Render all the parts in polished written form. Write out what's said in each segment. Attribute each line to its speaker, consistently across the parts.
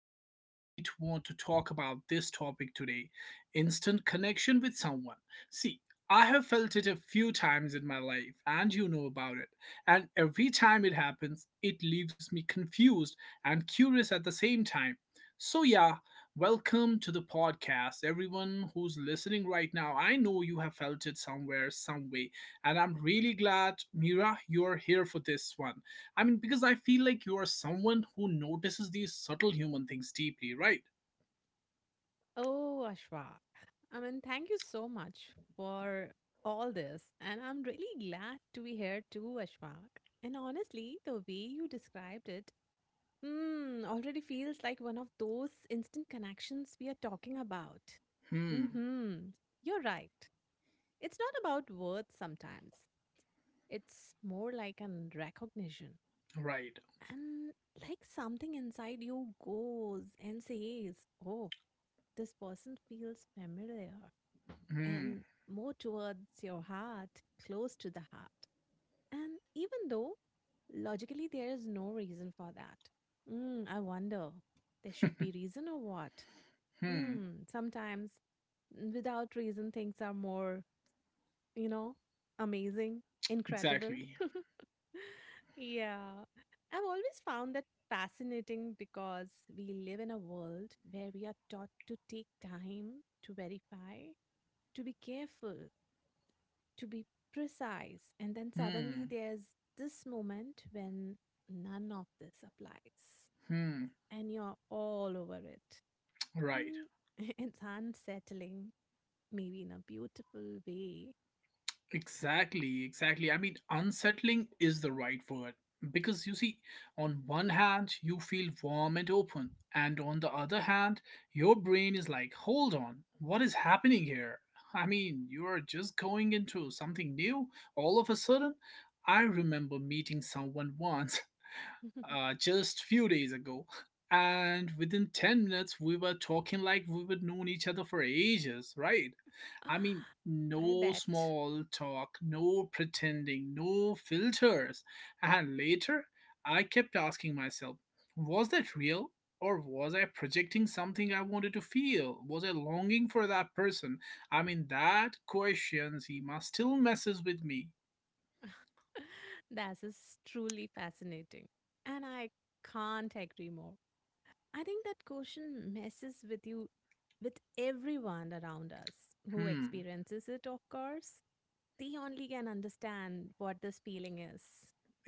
Speaker 1: what pushed me to want to talk about this topic today, instant connection with someone. See, I have felt it a few times in my life, and you know about it. And every time it happens, it leaves me confused and curious at the same time. So, yeah, welcome to the podcast. Everyone who's listening right now, I know you have felt it somewhere, some way. And I'm really glad, Mira, you're here for this one. I mean, because I feel like you are someone who notices these subtle human things deeply, right?
Speaker 2: Oh, Ashwa. I mean, thank you so much for all this. And I'm really glad to be here too, Ashwak. And honestly, the way you described it, already feels like one of those instant connections we are talking about.
Speaker 1: Hmm.
Speaker 2: Mm-hmm. You're right. It's not about words sometimes. It's more like an recognition.
Speaker 1: Right.
Speaker 2: And like something inside you goes and says, oh, this person feels familiar.
Speaker 1: Hmm.
Speaker 2: And more towards your heart, close to the heart. And even though logically there is no reason for that. I wonder, there should be reason or what?
Speaker 1: Hmm.
Speaker 2: Sometimes without reason, things are more, you know, amazing, incredible.
Speaker 1: Exactly.
Speaker 2: Yeah. I've always found that fascinating because we live in a world where we are taught to take time to verify, to be careful, to be precise. And then suddenly
Speaker 1: Hmm.
Speaker 2: there's this moment when none of this applies
Speaker 1: Hmm.
Speaker 2: and you're all over it.
Speaker 1: Right.
Speaker 2: Mm, it's unsettling, maybe in a beautiful way.
Speaker 1: Exactly, exactly. I mean, unsettling is the right word. Because you see, on one hand, you feel warm and open, and on the other hand, your brain is like, hold on, what is happening here? I mean, you are just going into something new all of a sudden. I remember meeting someone once, just few days ago, and within 10 minutes we were talking like we would known each other for ages, right? I mean,
Speaker 2: I
Speaker 1: no
Speaker 2: bet.
Speaker 1: small talk, no pretending, no filters. And later, I kept asking myself, was that real? Or was I projecting something I wanted to feel? Was I longing for that person? I mean, that question he still messes with me.
Speaker 2: That is truly fascinating. And I can't agree more. I think that question messes with you, with everyone around us who
Speaker 1: Hmm.
Speaker 2: experiences it, of course. They only can understand what this feeling is,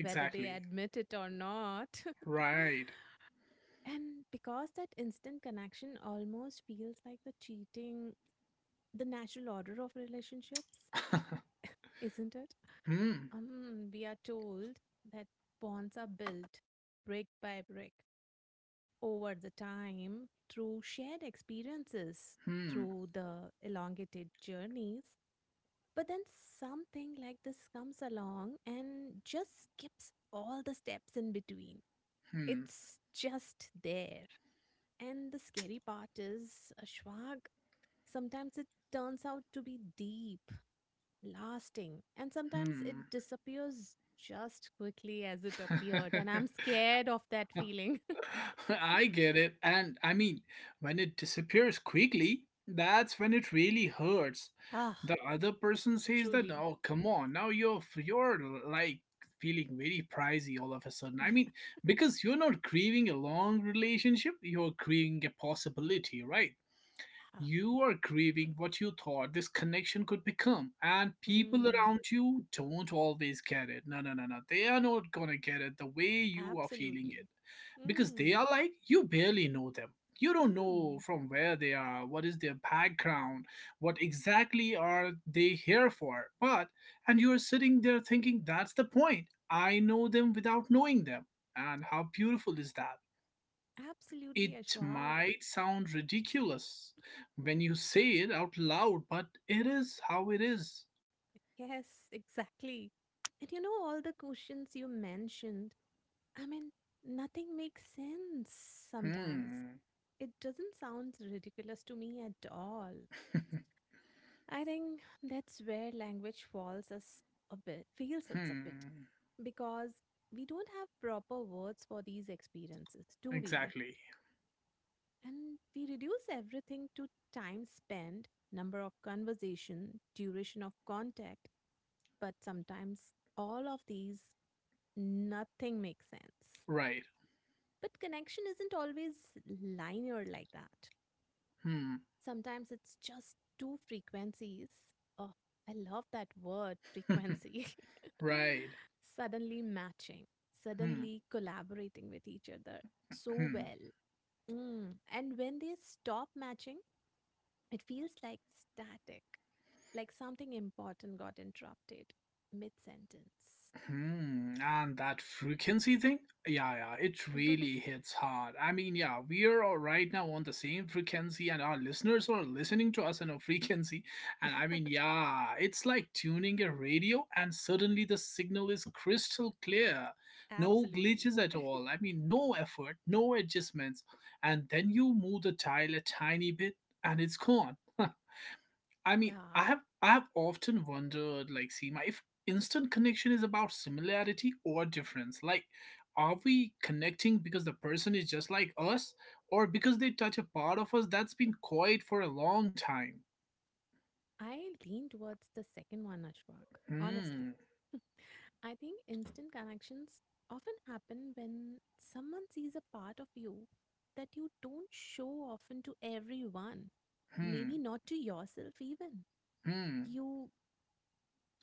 Speaker 2: whether they admit it or not.
Speaker 1: Right.
Speaker 2: And because that instant connection almost feels like the cheating, the natural order of relationships, isn't it?
Speaker 1: Hmm.
Speaker 2: We are told that bonds are built brick by brick over the time through shared experiences,
Speaker 1: Hmm.
Speaker 2: through the elongated journeys. But then something like this comes along and just skips all the steps in between.
Speaker 1: Hmm.
Speaker 2: It's just there. And the scary part is, Ashwag, sometimes it turns out to be deep lasting, and sometimes it
Speaker 1: Hmm.
Speaker 2: disappears just quickly as it appeared, and I'm scared of that feeling.
Speaker 1: I get it. And I mean, when it disappears quickly, that's when it really hurts. The
Speaker 2: Ah,
Speaker 1: other person says that,
Speaker 2: truly.
Speaker 1: oh, come on, now you're like feeling very pricey all of a sudden. I mean, because you're not grieving a long relationship, you're grieving a possibility, right?
Speaker 2: Ah.
Speaker 1: You are grieving what you thought this connection could become, and people around
Speaker 2: Hmm.
Speaker 1: you don't always get it. No, no, no, no. They are not gonna get it the way you are feeling it.
Speaker 2: Absolutely.
Speaker 1: Because they
Speaker 2: Hmm.
Speaker 1: are like, you barely know them. You don't know
Speaker 2: Hmm.
Speaker 1: from where they are, what is their background, what exactly are they here for. But, and you are sitting there thinking, that's the point. I know them without knowing them. And how beautiful is that?
Speaker 2: Absolutely,
Speaker 1: It
Speaker 2: Ashwak.
Speaker 1: might sound ridiculous when you say it out loud, but it is how it is.
Speaker 2: Yes, exactly. And you know, all the questions you mentioned, I mean, nothing makes sense sometimes.
Speaker 1: Hmm.
Speaker 2: It doesn't sound ridiculous to me at all. I think that's where language falls us a bit, feels us a bit,
Speaker 1: Hmm.
Speaker 2: because we don't have proper words for these experiences, do we?
Speaker 1: Exactly.
Speaker 2: And we reduce everything to time spent, number of conversation, duration of contact, but sometimes all of these, nothing makes sense.
Speaker 1: Right.
Speaker 2: But connection isn't always linear like that.
Speaker 1: Hmm.
Speaker 2: Sometimes it's just two frequencies. Oh, I love that word, frequency.
Speaker 1: Right.
Speaker 2: Suddenly matching,
Speaker 1: Hmm.
Speaker 2: suddenly collaborating with each other so
Speaker 1: Hmm.
Speaker 2: well. Mm. And when they stop matching, it feels like static, like something important got interrupted mid sentence.
Speaker 1: Hmm, and that frequency thing? Yeah, yeah, it really hits hard. I mean, yeah, we are all right now on the same frequency, and our listeners are listening to us on a frequency. And I mean, yeah, it's like tuning a radio, and suddenly the signal is crystal clear. No
Speaker 2: Absolutely.
Speaker 1: glitches at all. I mean, no effort, no adjustments. And then you move the dial a tiny bit, and it's gone. I mean, I
Speaker 2: Yeah.
Speaker 1: have I have often wondered, like, Seema, if instant connection is about similarity or difference. Like, are we connecting because the person is just like us, or because they touch a part of us that's been quiet for a long time?
Speaker 2: I lean towards the second one, Ashwak, honestly.
Speaker 1: Hmm.
Speaker 2: I think instant connections often happen when someone sees a part of you that you don't show often to everyone,
Speaker 1: Hmm.
Speaker 2: maybe not to yourself even.
Speaker 1: Hmm.
Speaker 2: You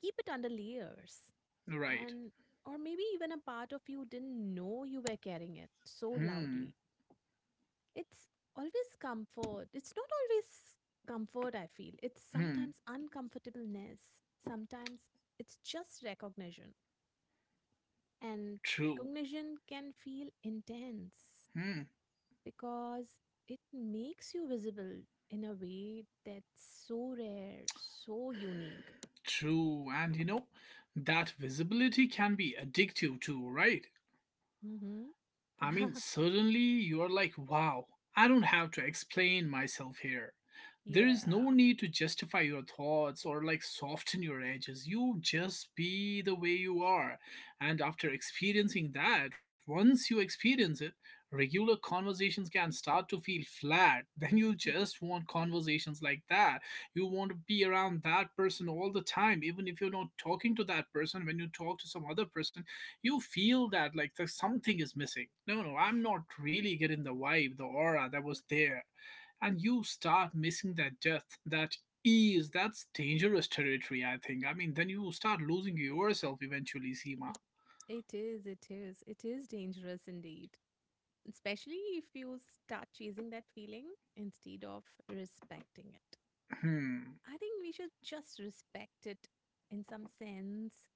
Speaker 2: keep it under layers
Speaker 1: Right.
Speaker 2: and or maybe even a part of you didn't know you were carrying it so
Speaker 1: Hmm.
Speaker 2: loudly. It's always comfort. It's not always comfort I feel. It's
Speaker 1: Hmm.
Speaker 2: sometimes uncomfortableness. Sometimes it's just recognition. And
Speaker 1: True.
Speaker 2: recognition can feel intense
Speaker 1: Hmm.
Speaker 2: because it makes you visible in a way that's so rare, so unique.
Speaker 1: True. And you know, that visibility can be addictive too, right?
Speaker 2: Hmm.
Speaker 1: I mean, suddenly you're like, wow, I don't have to explain myself here. There is no
Speaker 2: Yeah,
Speaker 1: need to justify your thoughts or like soften your edges. You just be the way you are. And after experiencing that, once you experience it, regular conversations can start to feel flat. Then you just want conversations like that. You want to be around that person all the time, even if you're not talking to that person. When you talk to some other person, you feel that like there's something is missing. No, no, I'm not really getting the vibe, the aura that was there. And you start missing that depth, that ease. That's dangerous territory, I think. I mean, then you start losing yourself eventually, Seema.
Speaker 2: it is, it is, it is dangerous indeed. Especially if you start chasing that feeling instead of respecting it.
Speaker 1: Hmm.
Speaker 2: I think we should just respect it in some sense.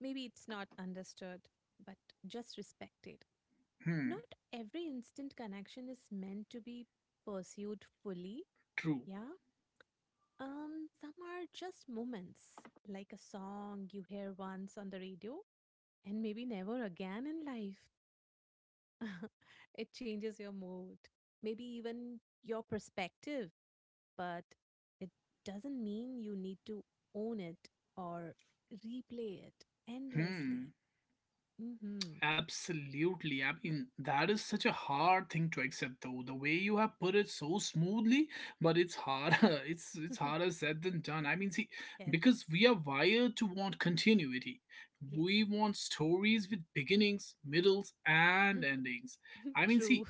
Speaker 2: Maybe it's not understood, but just respect it.
Speaker 1: Hmm.
Speaker 2: Not every instant connection is meant to be pursued fully.
Speaker 1: True.
Speaker 2: Yeah. Some are just moments, like a song you hear once on the radio and maybe never again in life. It changes your mood, maybe even your perspective, but it doesn't mean you need to own it or replay it endlessly.
Speaker 1: Hmm.
Speaker 2: Mm-hmm.
Speaker 1: Absolutely. I mean, that is such a hard thing to accept though. The way you have put it so smoothly, but it's hard, it's harder said than done. I mean, see,
Speaker 2: Yes.
Speaker 1: because we are wired to want continuity.
Speaker 2: Yeah.
Speaker 1: We want stories with beginnings, middles, and endings. I mean,
Speaker 2: True.
Speaker 1: see,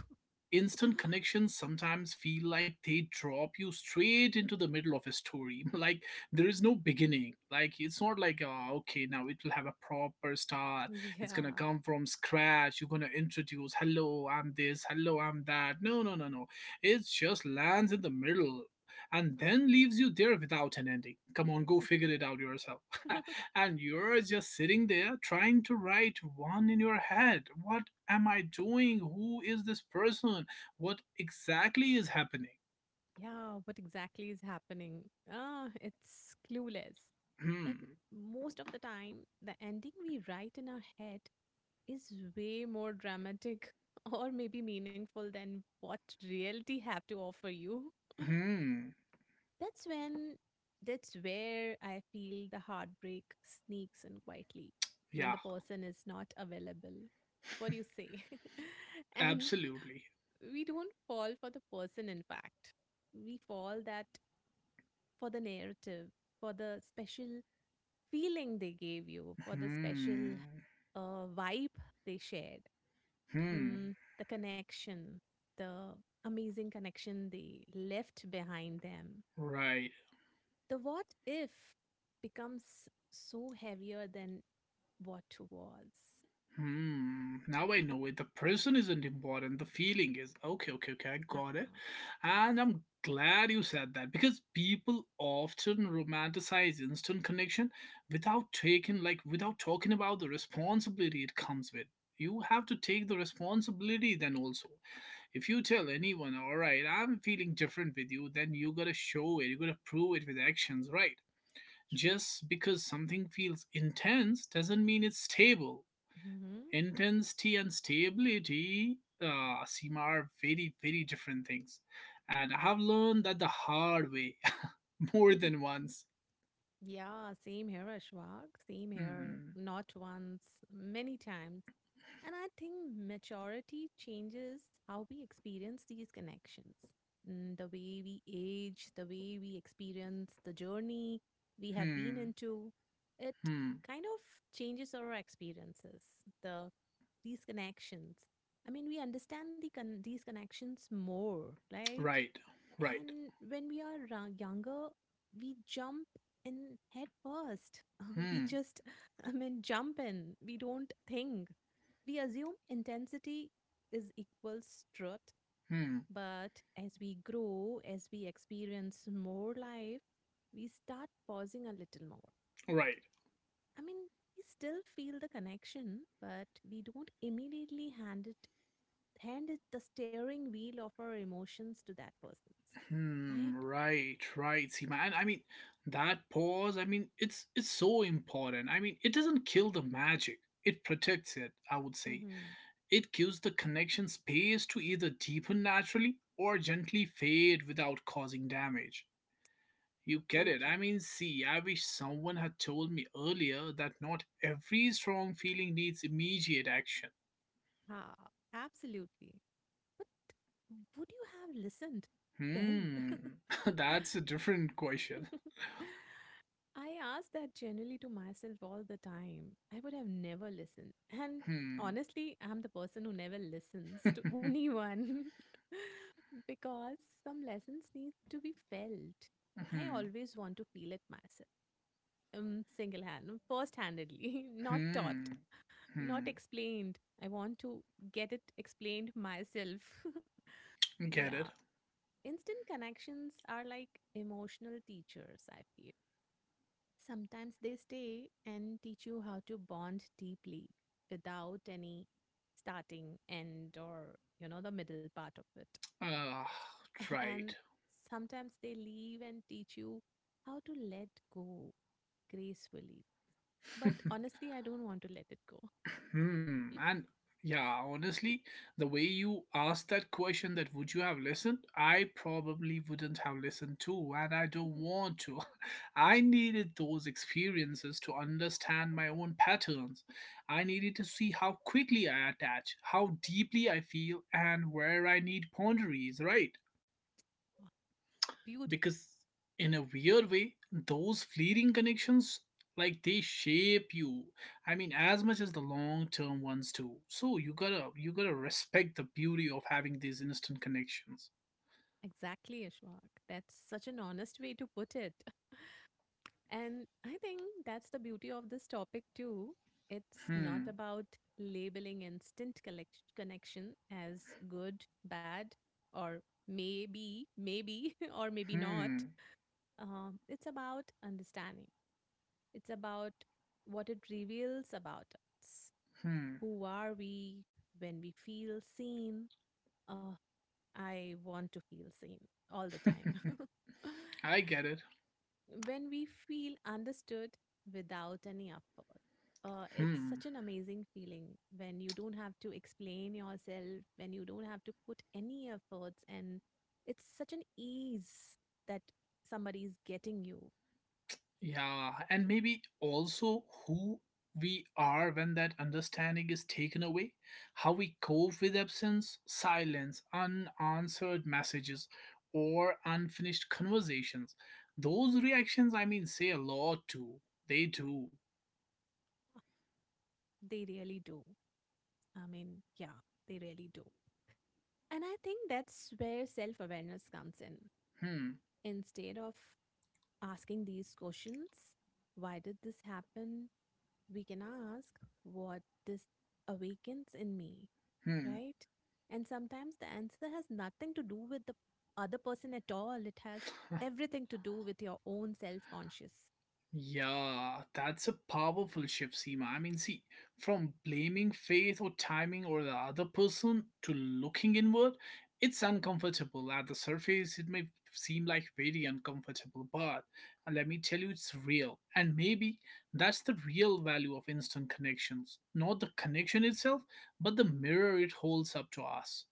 Speaker 1: instant connections sometimes feel like they drop you straight into the middle of a story, like there is no beginning. Like, it's not like, okay, now it will have a proper start. It's
Speaker 2: Yeah.
Speaker 1: gonna come from scratch. You're gonna introduce, hello, I'm this, hello, I'm that. No, no, no, no. It just lands in the middle, and then leaves you there without an ending. Come on, go figure it out yourself. And you're just sitting there trying to write one in your head. What am I doing? Who is this person? What exactly is happening?
Speaker 2: Yeah, what exactly is happening? Ah, it's clueless. And
Speaker 1: Hmm.
Speaker 2: most of the time, the ending we write in our head is way more dramatic or maybe meaningful than what reality have to offer you.
Speaker 1: Hmm.
Speaker 2: That's when that's where I feel the heartbreak sneaks in quietly when
Speaker 1: Yeah,
Speaker 2: the person is not available. What do you say? And
Speaker 1: absolutely.
Speaker 2: we don't fall for the person in fact. We fall that for the narrative, for the special feeling they gave you, for the
Speaker 1: Hmm.
Speaker 2: special vibe they shared,
Speaker 1: Hmm.
Speaker 2: the connection, the amazing connection they left behind them.
Speaker 1: Right.
Speaker 2: The what if becomes so heavier than what was.
Speaker 1: Hmm. Now I know it. The person isn't important. The feeling is. Okay, okay, okay. I got it.
Speaker 2: Haha, yes,
Speaker 1: And I'm glad you said that because people often romanticize instant connection without taking like without talking about the responsibility it comes with. You have to take the responsibility then also. If you tell anyone, all right, I'm feeling different with you, then you gotta show it, you gotta prove it with actions, right?
Speaker 2: true.
Speaker 1: Just because something feels intense doesn't mean it's stable.
Speaker 2: Hmm.
Speaker 1: Intensity and stability, seem, are very, very different things. And I have learned that the hard way more than once.
Speaker 2: Yeah, same here, Ashwag. Same here.
Speaker 1: Hmm.
Speaker 2: Not once, many times. And I think maturity changes how we experience these connections. The way we age, the way we experience the journey we have been
Speaker 1: Hmm.
Speaker 2: into, it
Speaker 1: Hmm.
Speaker 2: kind of changes our experiences, the these connections. I mean, we understand the these connections more, right?
Speaker 1: Right. Right.
Speaker 2: And when we are younger, we jump in head first. We
Speaker 1: Hmm.
Speaker 2: just, I mean, jump in. We don't think. We assume intensity is equals truth.
Speaker 1: Hmm.
Speaker 2: But as we grow, as we experience more life, we start pausing a little more.
Speaker 1: Right.
Speaker 2: I mean, we still feel the connection, but we don't immediately hand it the steering wheel of our emotions to that person, right?
Speaker 1: Hmm. Right. Right, Seema, and I mean, that pause, I mean, it's so important. I mean, it doesn't kill the magic, it protects it, I would say.
Speaker 2: Mm-hmm.
Speaker 1: It gives the connection space to either deepen naturally or gently fade without causing damage. You get
Speaker 2: So
Speaker 1: it?
Speaker 2: true.
Speaker 1: I mean, see, I wish someone had told me earlier that not every strong feeling needs immediate action.
Speaker 2: Ha, absolutely. But would you have listened then?
Speaker 1: Hmm. That's a different question.
Speaker 2: I ask that generally to myself all the time. I would have never listened. And
Speaker 1: Hmm.
Speaker 2: honestly, I'm the person who never listens to anyone. Because some lessons need to be felt. I
Speaker 1: Hmm.
Speaker 2: always want to feel it myself, single hand, first handedly, not taught.
Speaker 1: Hmm.
Speaker 2: Not
Speaker 1: Hmm.
Speaker 2: explained. I want to get it explained myself.
Speaker 1: Get
Speaker 2: Yeah.
Speaker 1: it?
Speaker 2: Instant connections are like emotional teachers, I feel. Sometimes they stay and teach you how to bond deeply without any starting, end, or, you know, the middle part of it.
Speaker 1: Ah, right.
Speaker 2: And sometimes they leave and teach you how to let go gracefully. But honestly, I don't want to let it go.
Speaker 1: Hmm. And yeah, honestly, the way you asked that question, that would you have listened, I probably wouldn't have listened to, and I don't want to. I needed those experiences to understand my own patterns. I needed to see how quickly I attach, how deeply I feel, and where I need ponderies, right?
Speaker 2: Beautiful.
Speaker 1: Because in a weird way, those fleeting connections, like, they shape you, I mean, as much as the long term ones too. So you gotta respect the beauty of having these instant connections.
Speaker 2: Exactly, Ashwak. That's such an honest way to put it. And I think that's the beauty of this topic too. It's not
Speaker 1: Hmm.
Speaker 2: about labeling instant connection as good, bad, or maybe, maybe, or maybe not.
Speaker 1: Hmm.
Speaker 2: It's about understanding. It's about what it reveals about us.
Speaker 1: Hmm.
Speaker 2: Who are we when we feel seen? Uh, I want to feel seen all the time.
Speaker 1: I get it.
Speaker 2: When we feel understood without any effort. It's
Speaker 1: Hmm.
Speaker 2: such an amazing feeling when you don't have to explain yourself, when you don't have to put any efforts, and it's such an ease that somebody's getting you.
Speaker 1: Yeah, and maybe also who we are when that understanding is taken away, how we cope with absence, silence, unanswered messages, or unfinished conversations. Those reactions, I mean, say a lot too. They do.
Speaker 2: They really do. I mean, yeah, they really do. And I think that's where self awareness comes in.
Speaker 1: Hmm.
Speaker 2: Instead of asking these questions, why did this happen? We can ask what this awakens in me,
Speaker 1: Hmm.
Speaker 2: right? And sometimes the answer has nothing to do with the other person at all. It has everything to do with your own self conscious.
Speaker 1: Yeah, that's a powerful shift, Seema. I mean, see, from blaming faith or timing or the other person to looking inward, it's uncomfortable. At the surface, it may seem like very uncomfortable, but let me tell you, it's real. And maybe that's the real value of instant connections. Not the connection itself, but the mirror it holds up to us.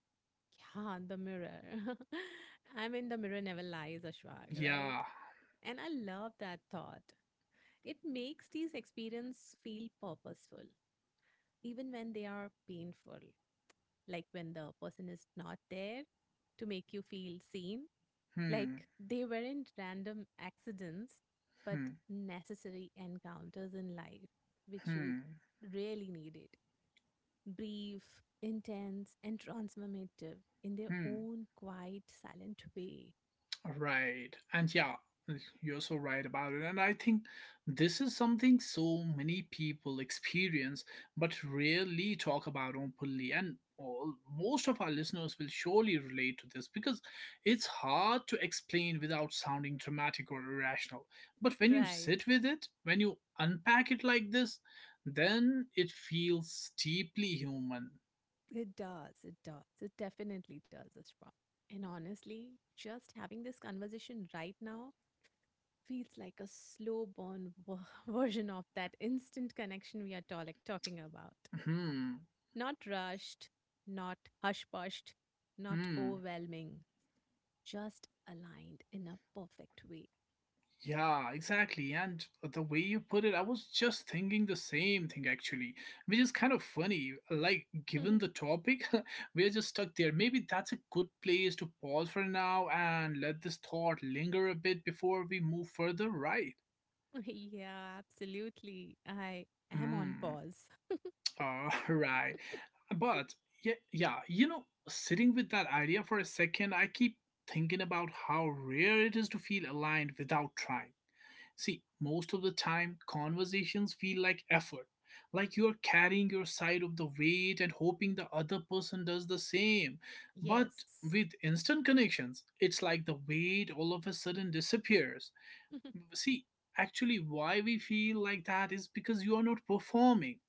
Speaker 2: Yeah, the mirror. I mean, the mirror never lies, Ashwag, right?
Speaker 1: Yeah.
Speaker 2: And I love that thought. It makes these experiences feel purposeful, even when they are painful, like when the person is not there to make you feel seen.
Speaker 1: Hmm.
Speaker 2: Like, they weren't random accidents, but
Speaker 1: Hmm.
Speaker 2: necessary encounters in life, which you
Speaker 1: Hmm.
Speaker 2: really needed. Brief, intense, and transformative in their
Speaker 1: Hmm.
Speaker 2: own quiet, silent way.
Speaker 1: Right. And yeah, you're so right about it. And I think this is something so many people experience but rarely talk about openly. And most of our listeners will surely relate to this because it's hard to explain without sounding dramatic or irrational. But when you
Speaker 2: Right.
Speaker 1: sit with it, when you unpack it like this, then it feels deeply human.
Speaker 2: It does. It does. It definitely does, Ashwa. And honestly, just having this conversation right now feels like a slow burn version of that instant connection we are talking about.
Speaker 1: Hmm.
Speaker 2: Not rushed, not hush pushed, not
Speaker 1: Hmm.
Speaker 2: overwhelming, just aligned in a perfect way.
Speaker 1: Yeah, exactly. And the way you put it, I was just thinking the same thing actually, which is kind of funny. Like, given the topic, we're just stuck there. Maybe that's a good place to pause for now and let this thought linger a bit before we move further, right?
Speaker 2: Yeah, absolutely. I am on
Speaker 1: Hmm.
Speaker 2: pause.
Speaker 1: All right. But yeah, yeah, sitting with that idea for a second, I keep thinking about how rare it is to feel aligned without trying. See, most of the time, conversations feel like effort, like you're carrying your side of the weight and hoping the other person does the same. But
Speaker 2: Yes.
Speaker 1: with instant connections, it's like the weight all of a sudden disappears. See, actually, why we feel like that is because you are not performing.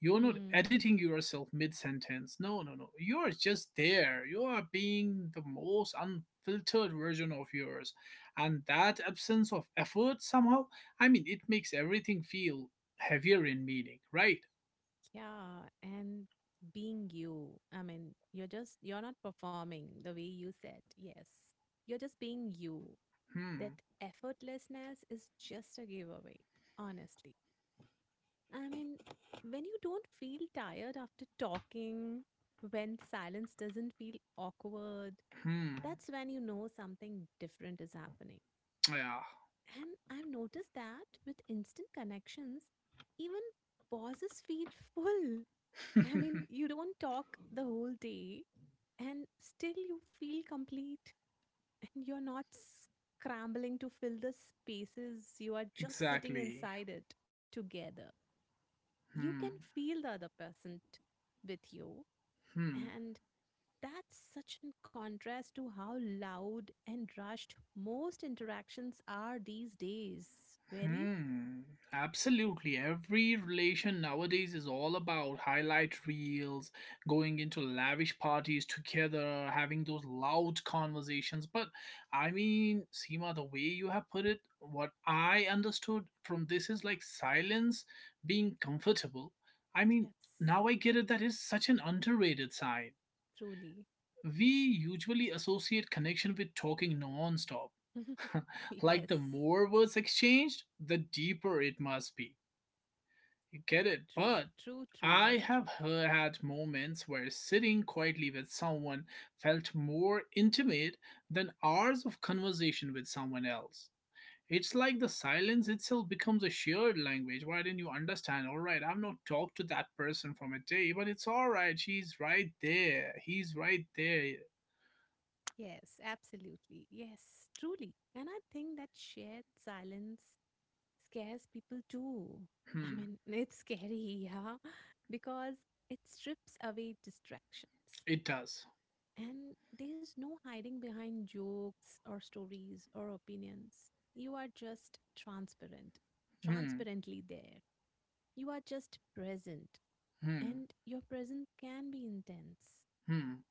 Speaker 1: You're not
Speaker 2: Mm,
Speaker 1: editing yourself mid sentence. No, no, no. You're just there. You are being the most unfiltered version of yours. And that absence of effort somehow, I mean, it makes everything feel heavier in meaning, right?
Speaker 2: yeah. And being you, I mean, you're just, you're not performing the way you said. Yes. You're just being you. That
Speaker 1: Hmm.
Speaker 2: effortlessness is just a giveaway, honestly. I mean, when you don't feel tired after talking, when silence doesn't feel awkward,
Speaker 1: Hmm.
Speaker 2: that's when you know something different is happening.
Speaker 1: Yeah.
Speaker 2: And I've noticed that with instant connections, even pauses feel full. I mean, you don't talk the whole day and still you feel complete and you're not scrambling to fill the spaces. You are just sitting
Speaker 1: Exactly.
Speaker 2: inside it together.
Speaker 1: Hmm.
Speaker 2: You can feel the other person with you.
Speaker 1: Hmm.
Speaker 2: And that's such in contrast to how loud and rushed most interactions are these days. Really?
Speaker 1: Hmm, absolutely. Every relation nowadays is all about highlight reels, going into lavish parties together, having those loud conversations. But I mean, Seema, the way you have put it, what I understood from this is like silence being comfortable. I mean,
Speaker 2: Yes,
Speaker 1: Now I get it. That is such an underrated side.
Speaker 2: truly.
Speaker 1: We usually associate connection with talking non-stop. Like
Speaker 2: Yes,
Speaker 1: the more words exchanged, the deeper it must be. You get it?
Speaker 2: true,
Speaker 1: But
Speaker 2: true, true,
Speaker 1: I
Speaker 2: very
Speaker 1: have
Speaker 2: true.
Speaker 1: he- had moments where sitting quietly with someone felt more intimate than hours of conversation with someone else. It's like the silence itself becomes a shared language. Why didn't you understand? All right, I've not talked to that person from a day, but it's all right. She's right there. He's right there.
Speaker 2: Yes, absolutely. Yes, truly. And I think that shared silence scares people too. I
Speaker 1: Hmm.
Speaker 2: mean, it's scary, yeah, because it strips away distractions.
Speaker 1: It does.
Speaker 2: And there's no hiding behind jokes or stories or opinions. You are just transparent,
Speaker 1: Hmm.
Speaker 2: transparently there. You are just present.
Speaker 1: Hmm.
Speaker 2: And your presence can be intense.
Speaker 1: Hmm.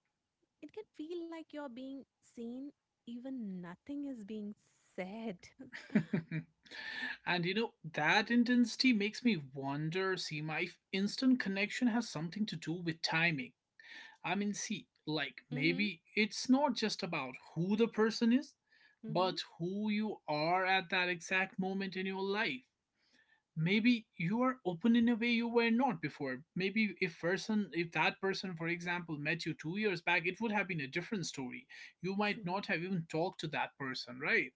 Speaker 2: It can feel like you're being seen, even nothing is being said.
Speaker 1: That intensity makes me wonder, instant connection has something to do with timing. See,
Speaker 2: Mm-hmm.
Speaker 1: maybe it's not just about who the person is,
Speaker 2: Mm-hmm.
Speaker 1: but who you are at that exact moment in your life. Maybe you are open in a way you were not before. Maybe if that person for example met you 2 years back, it would have been a different story. You might
Speaker 2: True.
Speaker 1: not have even talked to that person, right?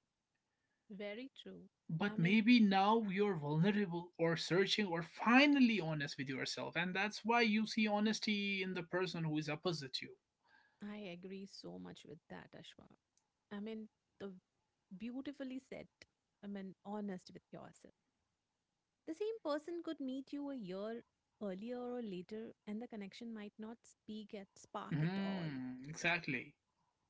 Speaker 2: Very true. I
Speaker 1: But
Speaker 2: mean,
Speaker 1: maybe now you're vulnerable or searching or finally honest with yourself, and that's why you see honesty in the person who is opposite you.
Speaker 2: I agree so much with that, Ashwa. I mean, the beautifully said. I mean, honest with yourself. The same person could meet you a year earlier or later, and the connection might not speak at spark at all.
Speaker 1: Hmm, exactly.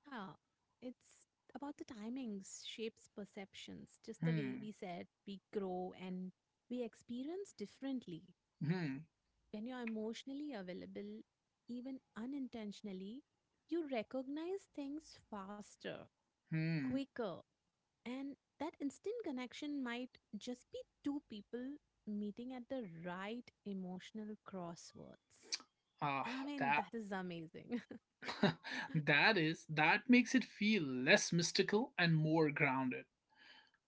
Speaker 2: Yeah, it's about the timings, shapes perceptions, just the way
Speaker 1: Hmm,
Speaker 2: we said we grow and we experience differently.
Speaker 1: hmm,
Speaker 2: When you're emotionally available, even unintentionally, you recognize things faster,
Speaker 1: hmm.
Speaker 2: quicker, and that instant connection might just be two people meeting at the right emotional crosswords.
Speaker 1: Ah,
Speaker 2: I mean,
Speaker 1: that
Speaker 2: that is amazing.
Speaker 1: that is, that makes it feel less mystical and more grounded,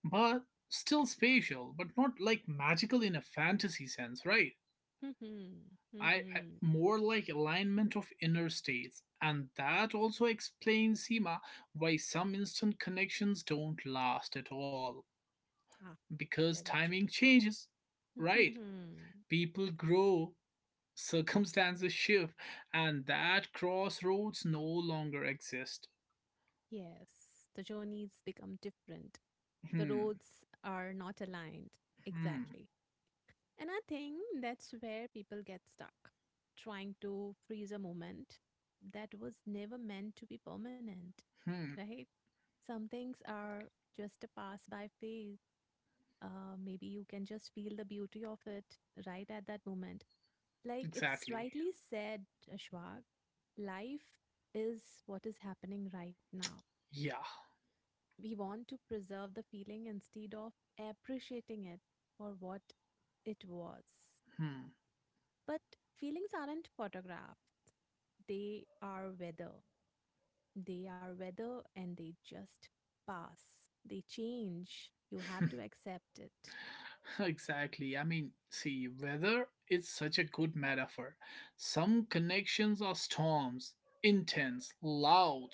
Speaker 1: but still spatial, but not like magical in a fantasy sense, right?
Speaker 2: hmm
Speaker 1: I
Speaker 2: hmm
Speaker 1: more like alignment of inner states, and that also explains, Seema, why some instant connections don't last at all
Speaker 2: Ah,
Speaker 1: because
Speaker 2: very true.
Speaker 1: timing changes, right?
Speaker 2: Mhm.
Speaker 1: People
Speaker 2: Yes.
Speaker 1: grow, circumstances shift, and that crossroads no longer exist.
Speaker 2: Yes. The journeys become different. The
Speaker 1: Hmm.
Speaker 2: roads are not aligned.
Speaker 1: Hmm.
Speaker 2: Exactly. And I think that's where people get stuck, trying to freeze a moment that was never meant to be permanent,
Speaker 1: Hmm,
Speaker 2: right? Some things are just a pass by phase. Maybe you can just feel the beauty of it right at that moment. Like it's
Speaker 1: exactly.
Speaker 2: rightly said, Ashwag, life is what is happening right now.
Speaker 1: Yeah.
Speaker 2: We want to preserve the feeling instead of appreciating it for what it was.
Speaker 1: Hmm.
Speaker 2: But feelings aren't photographed, they are weather. They are weather and they just pass, they change. You have to accept it.
Speaker 1: Exactly. Weather is such a good metaphor. Some connections are storms, intense, loud,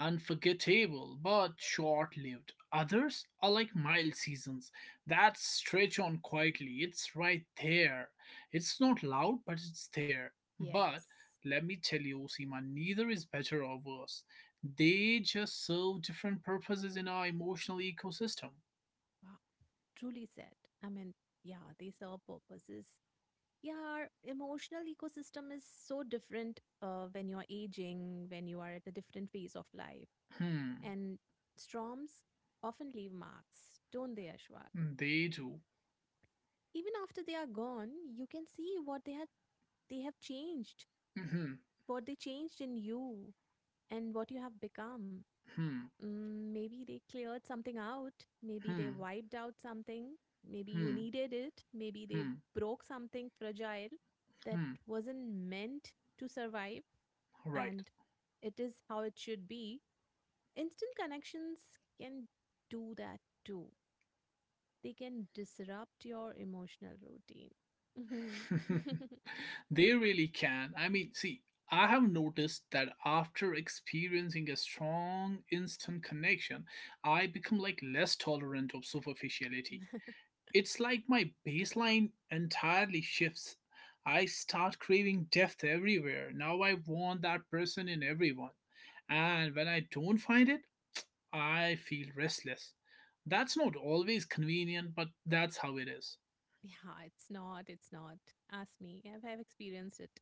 Speaker 1: unforgettable, but short lived. Others are like mild seasons that stretch on quietly. It's right there. It's not loud, but it's there. But
Speaker 2: Yes.
Speaker 1: let me tell you, Seema, neither is better or worse. They just serve different purposes in our emotional ecosystem.
Speaker 2: Wow, truly said. I mean, yeah, they serve purposes. Yeah, our emotional ecosystem is so different when you're aging, when you are at a different phase of life.
Speaker 1: Hmm,
Speaker 2: And storms often leave marks, don't they, Ashwar?
Speaker 1: they do.
Speaker 2: Even after they are gone, you can see what they had they have changed,
Speaker 1: Hmm.
Speaker 2: what they changed in you and what you have become.
Speaker 1: Hmm.
Speaker 2: Mm, maybe they cleared something out. Maybe they
Speaker 1: Hmm.
Speaker 2: wiped out something. Maybe you
Speaker 1: Hmm.
Speaker 2: needed it. Maybe they
Speaker 1: Hmm.
Speaker 2: broke something fragile that
Speaker 1: Hmm.
Speaker 2: wasn't meant to survive.
Speaker 1: Right.
Speaker 2: And it is how it should be. Instant connections can do that too. They can disrupt your emotional routine. Mhm.
Speaker 1: They really can. I have noticed that after experiencing a strong instant connection, I become like less tolerant of superficiality. It's like my baseline entirely shifts. I start craving depth everywhere. Now I want that person in everyone. And when I don't find it, I feel restless. That's not always convenient, but that's how it is.
Speaker 2: Yeah, it's not. It's not. Ask me. I've experienced it.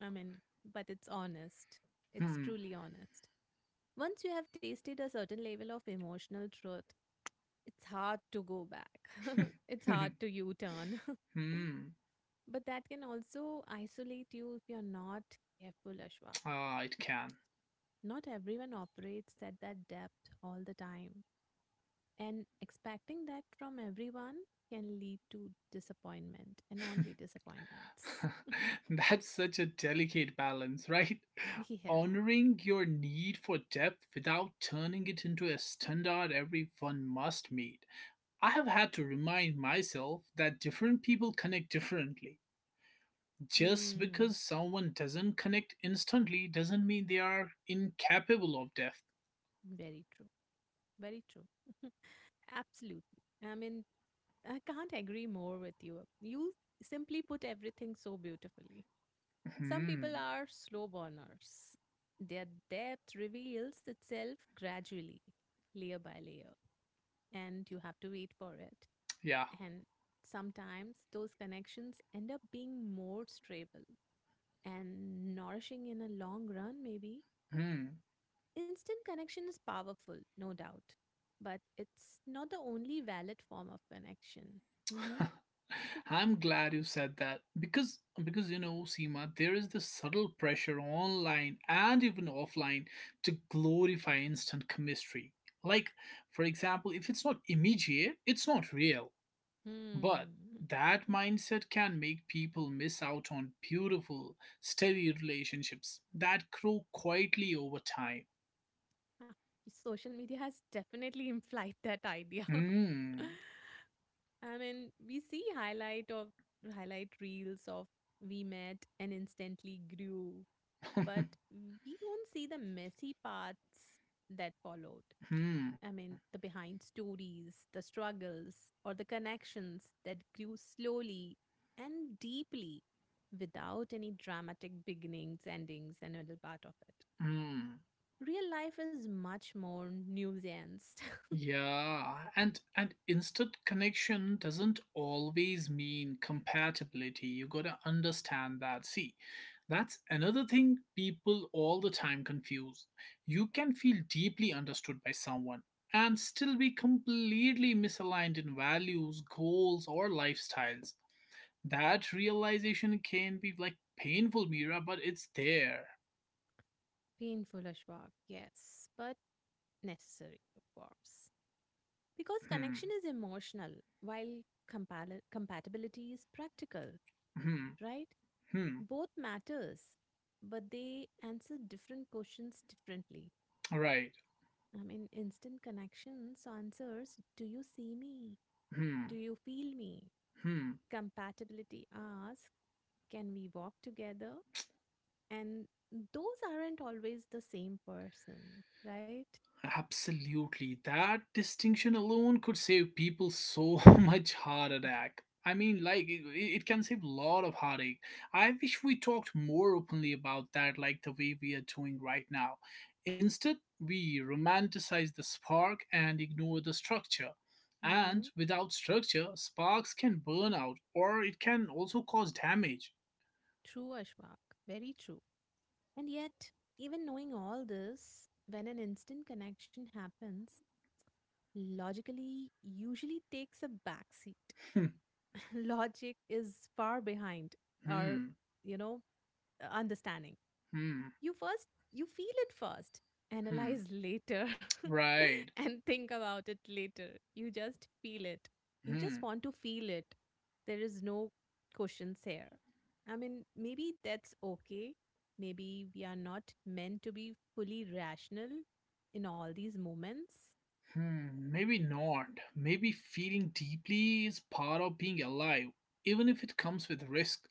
Speaker 2: I mean, but it's honest. It's
Speaker 1: Hmm.
Speaker 2: truly honest. Once you have tasted a certain level of emotional truth, it's hard to go back. It's hard to U turn.
Speaker 1: hmm.
Speaker 2: But that can also isolate you if you're not careful, Ashwa.
Speaker 1: Ah, it can.
Speaker 2: Not everyone operates at that depth all the time. And expecting that from everyone can lead to disappointment and only disappointments.
Speaker 1: That's such a delicate balance, right?
Speaker 2: Yeah.
Speaker 1: Honoring your need for depth without turning it into a standard everyone must meet. I have had to remind myself that different people connect differently. Just
Speaker 2: Mm,
Speaker 1: because someone doesn't connect instantly doesn't mean they are incapable of depth.
Speaker 2: very true. Very true. Absolutely. I mean, I can't agree more with you. You simply put everything so beautifully. Some people
Speaker 1: Hmm.
Speaker 2: are slow burners. Their depth reveals itself gradually, layer by layer, and you have to wait for it.
Speaker 1: Yeah.
Speaker 2: And sometimes those connections end up being more stable and nourishing in a long run, maybe.
Speaker 1: Hmm.
Speaker 2: Instant connection is powerful, no doubt, but it's not the only valid form of connection. Hmm.
Speaker 1: I'm glad you said that because you know, Seema, there is this subtle pressure online and even offline to glorify instant chemistry. Like, for example, if it's not immediate, it's not real. But
Speaker 2: Hmm.
Speaker 1: that
Speaker 2: Mm,
Speaker 1: mindset can make people miss out on beautiful, steady relationships that grow quietly over time.
Speaker 2: ah, social media has definitely implied that idea.
Speaker 1: Hmm.
Speaker 2: I mean, we see highlight of highlight reels of we met and instantly grew, but we don't see the messy parts that followed.
Speaker 1: hmm.
Speaker 2: I mean, the behind stories, the struggles, or the connections that grew slowly and deeply without any dramatic beginnings, endings, and middle part of it.
Speaker 1: Hmm.
Speaker 2: Real life is much more nuanced.
Speaker 1: Yeah, and instant connection doesn't always mean compatibility. You got to understand that. See, that's another thing people all the time confuse. You can feel deeply understood by someone and still be completely misaligned in values, goals, or lifestyles. That realization can be like painful, Mira, but it's there.
Speaker 2: Painful, Ashwak, yes, but necessary, of course. Because
Speaker 1: Hmm.
Speaker 2: connection is emotional, while compal- compatibility is practical,
Speaker 1: Hmm.
Speaker 2: right?
Speaker 1: Hmm.
Speaker 2: Both matters, but they answer different questions differently.
Speaker 1: Right.
Speaker 2: I mean, instant connections answers, do you see me?
Speaker 1: Hmm.
Speaker 2: Do you feel me?
Speaker 1: Hmm.
Speaker 2: Compatibility asks, can we walk together? And those aren't always the same person, right?
Speaker 1: Absolutely. That distinction alone could save people so much heart attack. It can save a lot of heartache. I wish we talked more openly about that, like the way we are doing right now. Instead, we romanticize the spark and ignore the structure.
Speaker 2: Mm-hmm.
Speaker 1: And without structure, sparks can burn out or it can also cause damage.
Speaker 2: True, Ashwak. Very true. And yet, even knowing all this, when an instant connection happens, logically usually takes a backseat. Logic is far behind our,
Speaker 1: Hmm,
Speaker 2: you know, understanding.
Speaker 1: hmm, hmm,
Speaker 2: You feel it first,
Speaker 1: hmm.
Speaker 2: analyze later
Speaker 1: Right.
Speaker 2: and think about it later. You just feel it. You
Speaker 1: Hmm.
Speaker 2: just want to feel it. There is no questions here. I mean, maybe that's okay. Maybe we are not meant to be fully rational in all these moments.
Speaker 1: Hmm, maybe not. Maybe feeling deeply is part of being alive, even if it comes with risk.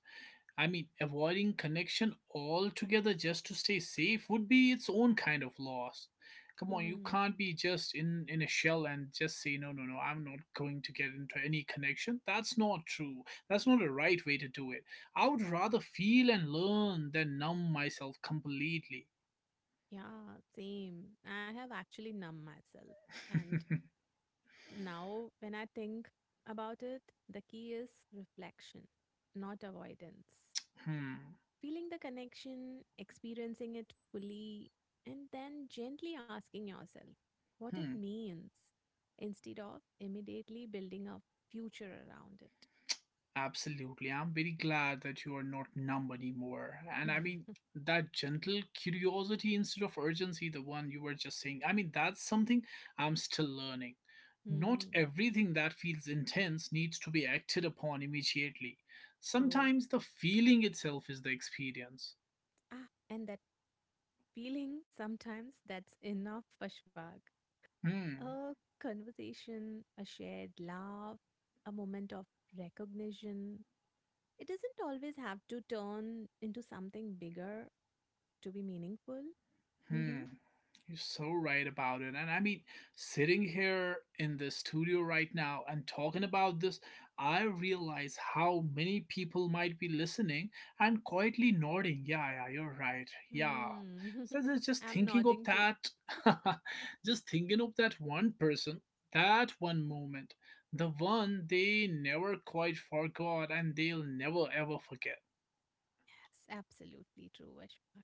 Speaker 1: I mean, avoiding connection altogether just to stay safe would be its own kind of loss. Come on, you
Speaker 2: Hmm.
Speaker 1: can't be just in a shell and just say, no, no, no, I'm not going to get into any connection. That's not true. That's not the right way to do it. I would rather feel and learn than numb myself completely.
Speaker 2: Yeah, same. I have actually numbed myself and now, when I think about it, the key is reflection, not avoidance.
Speaker 1: Hmm.
Speaker 2: Feeling the connection, experiencing it fully, and then gently asking yourself what it
Speaker 1: Hmm.
Speaker 2: means instead of immediately building a future around it.
Speaker 1: Absolutely. I'm very glad that you are not numb anymore. And I mean, that gentle curiosity instead of urgency, the one you were just saying, I mean, that's something I'm still learning. Not
Speaker 2: Hmm,
Speaker 1: everything that feels intense needs to be acted upon immediately.
Speaker 2: true.
Speaker 1: Sometimes the feeling itself is the experience.
Speaker 2: Ah, and that feeling sometimes that's enough for shwag.
Speaker 1: Hmm.
Speaker 2: A conversation, a shared laugh, a moment of recognition. It doesn't always have to turn into something bigger to be meaningful. Mm-hmm.
Speaker 1: Hmm. You're so right about it. And I mean, sitting here in the studio right now and talking about this, I realize how many people might be listening and quietly nodding. Yeah, yeah, you're right. Yeah.
Speaker 2: Hmm.
Speaker 1: So just
Speaker 2: I'm
Speaker 1: thinking of
Speaker 2: nodding too.
Speaker 1: that, just thinking of that one person, that one moment, the one they never quite forgot and they'll never ever forget.
Speaker 2: Yes, absolutely true, Ashfaq.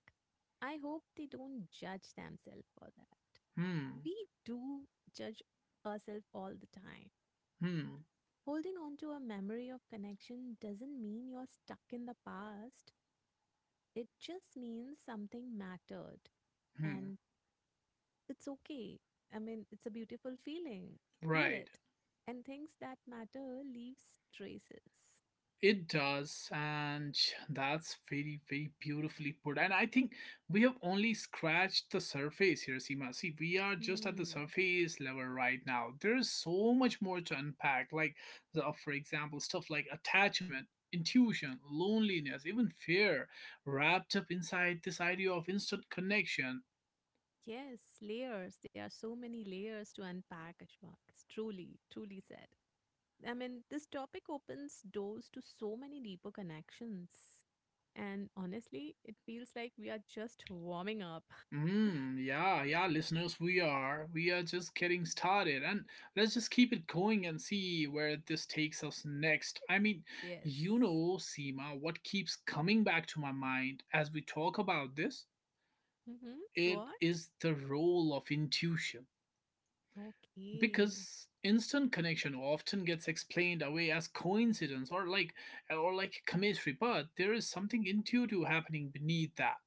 Speaker 2: I hope they don't judge themselves for that.
Speaker 1: Hmm,
Speaker 2: We do judge ourselves all the time.
Speaker 1: hmm,
Speaker 2: Holding on to a memory of connection doesn't mean you're stuck in the past, it just means something mattered.
Speaker 1: hmm.
Speaker 2: And it's okay. I mean, it's a beautiful feeling. Feel
Speaker 1: Right.
Speaker 2: it. And things that matter leaves traces.
Speaker 1: It does, and that's very, very beautifully put. And I think we have only scratched the surface here, Seema. See, we are just at the
Speaker 2: Hmm.
Speaker 1: surface level right now. There is so much more to unpack, like, for example, stuff like attachment, intuition, loneliness, even fear, wrapped up inside this idea of instant connection.
Speaker 2: Yes, layers. There are so many layers to unpack, Ashwak. It's truly, truly said. I mean, this topic opens doors to so many deeper connections. And honestly, it feels like we are just warming up.
Speaker 1: Mm, yeah, yeah, listeners, we are. We are just getting started. And let's just keep it going and see where this takes us next. I mean,
Speaker 2: Yes.
Speaker 1: you know, Seema, what keeps coming back to my mind as we talk about this?
Speaker 2: Mm-hmm.
Speaker 1: It
Speaker 2: What?
Speaker 1: is the role of intuition.
Speaker 2: Okay.
Speaker 1: Because instant connection often gets explained away as coincidence or like chemistry, but there is something intuitive happening beneath that.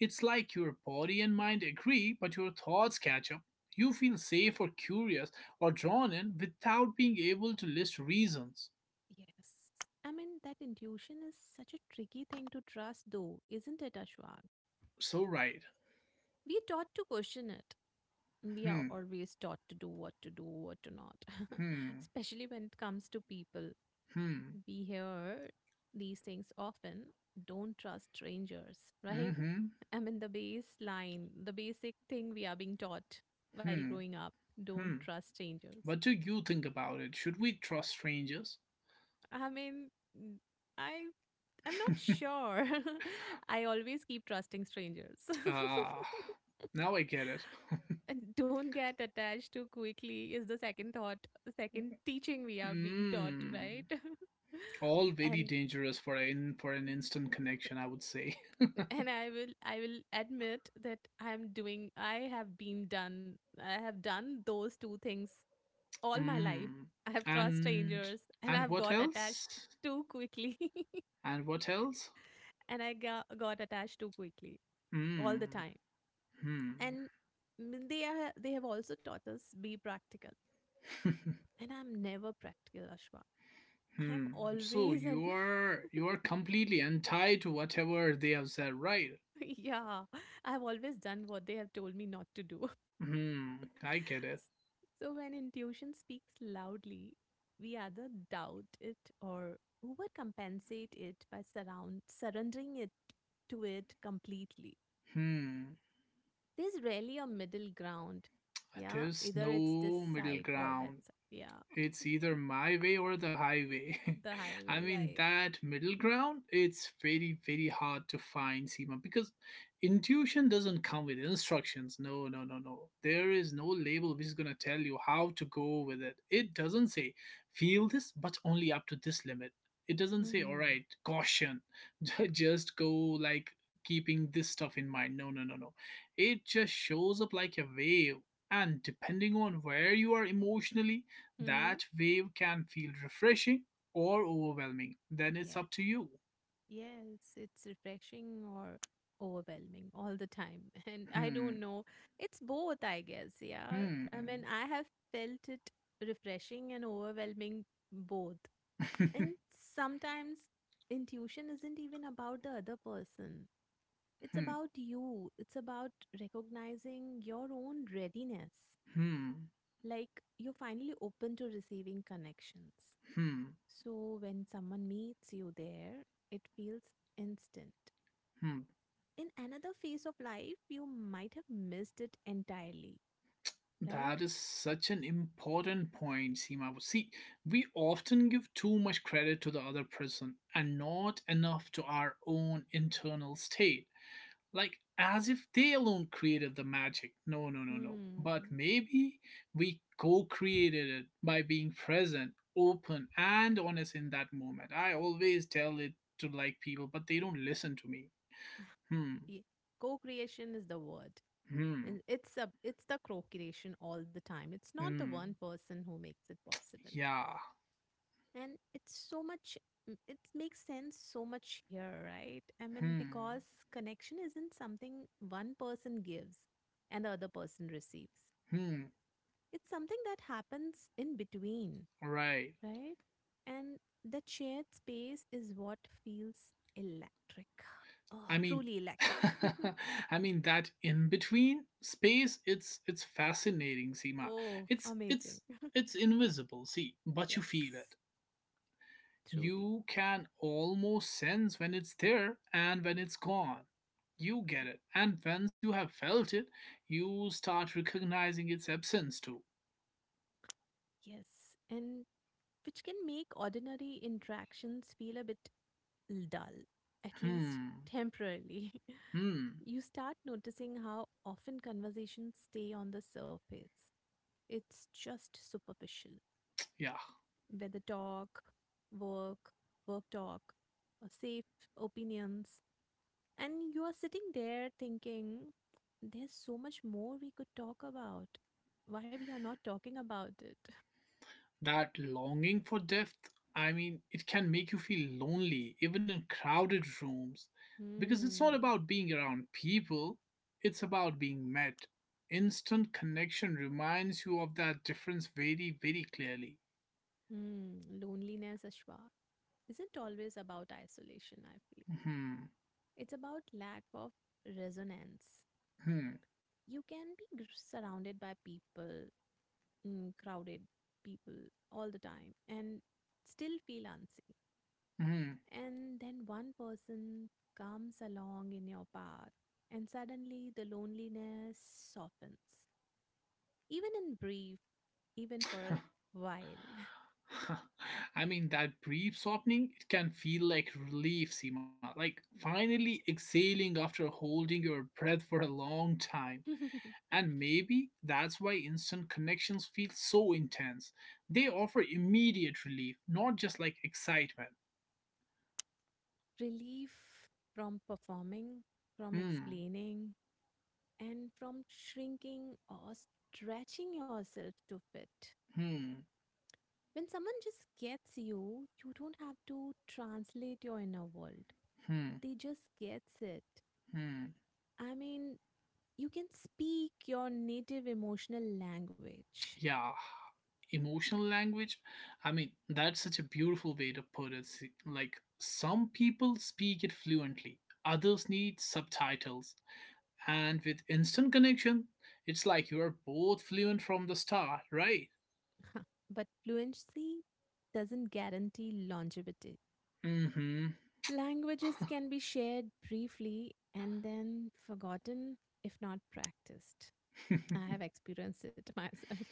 Speaker 1: It's like your body and mind agree, but your thoughts catch up. You feel safe or curious or drawn in without being able to list reasons.
Speaker 2: Yes. I mean, that intuition is such a tricky thing to trust, though, isn't it, Ashwag?
Speaker 1: So right.
Speaker 2: We are taught to question it. We are
Speaker 1: Hmm.
Speaker 2: always taught to do what to do, what to not.
Speaker 1: Hmm.
Speaker 2: Especially when it comes to people.
Speaker 1: Hmm.
Speaker 2: We hear these things often. Don't trust strangers, right?
Speaker 1: Mm-hmm.
Speaker 2: I mean, the baseline, the basic thing we are being taught while
Speaker 1: Hmm.
Speaker 2: growing up. Don't
Speaker 1: Hmm.
Speaker 2: trust strangers.
Speaker 1: What do you think about it? Should we trust strangers?
Speaker 2: I mean, n- I I'm not sure. I always keep trusting strangers.
Speaker 1: Ah, now I get it.
Speaker 2: And don't get attached too quickly is the second thought, second teaching we are being taught,
Speaker 1: Hmm.
Speaker 2: right?
Speaker 1: All very
Speaker 2: and
Speaker 1: dangerous for an instant connection, I would say.
Speaker 2: and I will admit that I have done those two things all my life.
Speaker 1: Hmm.
Speaker 2: I have trust
Speaker 1: And
Speaker 2: strangers and
Speaker 1: and
Speaker 2: I've
Speaker 1: what
Speaker 2: got attached
Speaker 1: else?
Speaker 2: too quickly.
Speaker 1: And what else?
Speaker 2: And I got attached too quickly all
Speaker 1: Hmm.
Speaker 2: the time.
Speaker 1: Hmm.
Speaker 2: And they are they have also taught us be practical and I'm never practical, Ashwa. I'm
Speaker 1: hmm. So
Speaker 2: always and
Speaker 1: you are completely untied to whatever they have said, right?
Speaker 2: yeah, I've always done what they have told me not to do.
Speaker 1: Hmm. I get it.
Speaker 2: So when intuition speaks loudly, we either doubt it or overcompensate it by surround surrendering it to it completely.
Speaker 1: Hmm.
Speaker 2: There's rarely a middle ground. Yeah,
Speaker 1: There's
Speaker 2: either it's this
Speaker 1: no middle
Speaker 2: side or that
Speaker 1: ground.
Speaker 2: side. Yeah,
Speaker 1: It's either my way or the highway.
Speaker 2: the
Speaker 1: I
Speaker 2: highway,
Speaker 1: mean,
Speaker 2: right?
Speaker 1: that middle ground, it's very, very hard to find, Seema, because intuition doesn't come with instructions. No, no, no, no. There is no label which is going to tell you how to go with it. It doesn't say, feel this, but only up to this limit. It doesn't say, all
Speaker 2: Mm-hmm.
Speaker 1: right, caution, just go like keeping this stuff in mind. No, no, no, no. It just shows up like a wave. And depending on where you are emotionally, that wave can feel refreshing or overwhelming. Then
Speaker 2: Yeah.
Speaker 1: it's up to you.
Speaker 2: Yes, it's refreshing or overwhelming all the time. And I don't
Speaker 1: Hmm,
Speaker 2: know. It's both, I guess. Yeah. I mean,
Speaker 1: hmm,
Speaker 2: I have felt it refreshing and overwhelming both.
Speaker 1: hmm,
Speaker 2: And sometimes intuition isn't even about the other person, it's about you, it's about recognizing your own readiness.
Speaker 1: hmm,
Speaker 2: Like you're finally open to receiving connections.
Speaker 1: hmm,
Speaker 2: So when someone meets you there, it feels instant.
Speaker 1: hmm.
Speaker 2: In another phase of life, you might have missed it entirely, right?
Speaker 1: That is such an important point, Seema. See, we often give too much credit to the other person and not enough to our own internal state, like as if they alone created the magic. No, no, no, no. But
Speaker 2: Hmm.
Speaker 1: maybe we co created it by being present, open, and honest in that moment. I always tell it to like people, but they don't listen to me. Hmm,
Speaker 2: Yeah. Co-creation is the word.
Speaker 1: hmm,
Speaker 2: And it's a it's the co-creation all the time. It's not the
Speaker 1: hmm,
Speaker 2: one person who makes it possible.
Speaker 1: yeah,
Speaker 2: And it's so much it makes sense so much here, right? I mean,
Speaker 1: hmm,
Speaker 2: because connection isn't something one person gives and the other person receives.
Speaker 1: hmm,
Speaker 2: It's something that happens in between,
Speaker 1: right.
Speaker 2: right? And that shared space is what feels electric. Oh,
Speaker 1: I mean,
Speaker 2: truly electric.
Speaker 1: I mean that in between space. It's fascinating, Seema.
Speaker 2: Oh,
Speaker 1: It's
Speaker 2: amazing.
Speaker 1: it's it's invisible. See, but you
Speaker 2: Yes,
Speaker 1: feel it.
Speaker 2: truly.
Speaker 1: You can almost sense when it's there and when it's gone. You get it. And once you have felt it, you start recognizing its absence too.
Speaker 2: Yes. And which can make ordinary interactions feel a bit dull, at least
Speaker 1: Hmm.
Speaker 2: temporarily.
Speaker 1: Hmm.
Speaker 2: You start noticing how often conversations stay on the surface. It's just superficial.
Speaker 1: Yeah.
Speaker 2: Whether talk, work, work talk, or safe opinions, and you are sitting there thinking, there's so much more we could talk about. Why we are not talking about it?
Speaker 1: That longing for depth, I mean, it can make you feel lonely, even in crowded rooms. Because it's not
Speaker 2: Hmm.
Speaker 1: about being around people, it's about being met. Instant connection reminds you of that difference very, very clearly.
Speaker 2: Hmm. Loneliness, Ashwa, isn't always about isolation, I feel.
Speaker 1: Hmm.
Speaker 2: It's about lack of resonance.
Speaker 1: Hmm.
Speaker 2: You can be surrounded by people, mm, crowded people all the time, and still feel unseen.
Speaker 1: Hmm.
Speaker 2: And then one person comes along in your path, and suddenly the loneliness softens, even in brief, even for a while.
Speaker 1: I mean, that brief softening, it can feel like relief, Seema. Like finally exhaling after holding your breath for a long time. And maybe that's why instant connections feel so intense. They offer immediate relief, not just like excitement.
Speaker 2: Relief from performing, from
Speaker 1: Hmm,
Speaker 2: explaining, and from shrinking or stretching yourself to fit.
Speaker 1: hmm,
Speaker 2: When someone just gets you, you don't have to translate your inner world.
Speaker 1: hmm,
Speaker 2: They just gets it.
Speaker 1: hmm.
Speaker 2: I mean, you can speak your native emotional language,
Speaker 1: Yeah. Emotional language. I mean, that's such a beautiful way to put it. Se- Like, some people speak it fluently, others need subtitles. And with instant connection, it's like you're both fluent from the start, right?
Speaker 2: but fluency doesn't guarantee longevity.
Speaker 1: Mm-hmm.
Speaker 2: Languages can be shared briefly and then forgotten if not practiced. I have experienced it myself.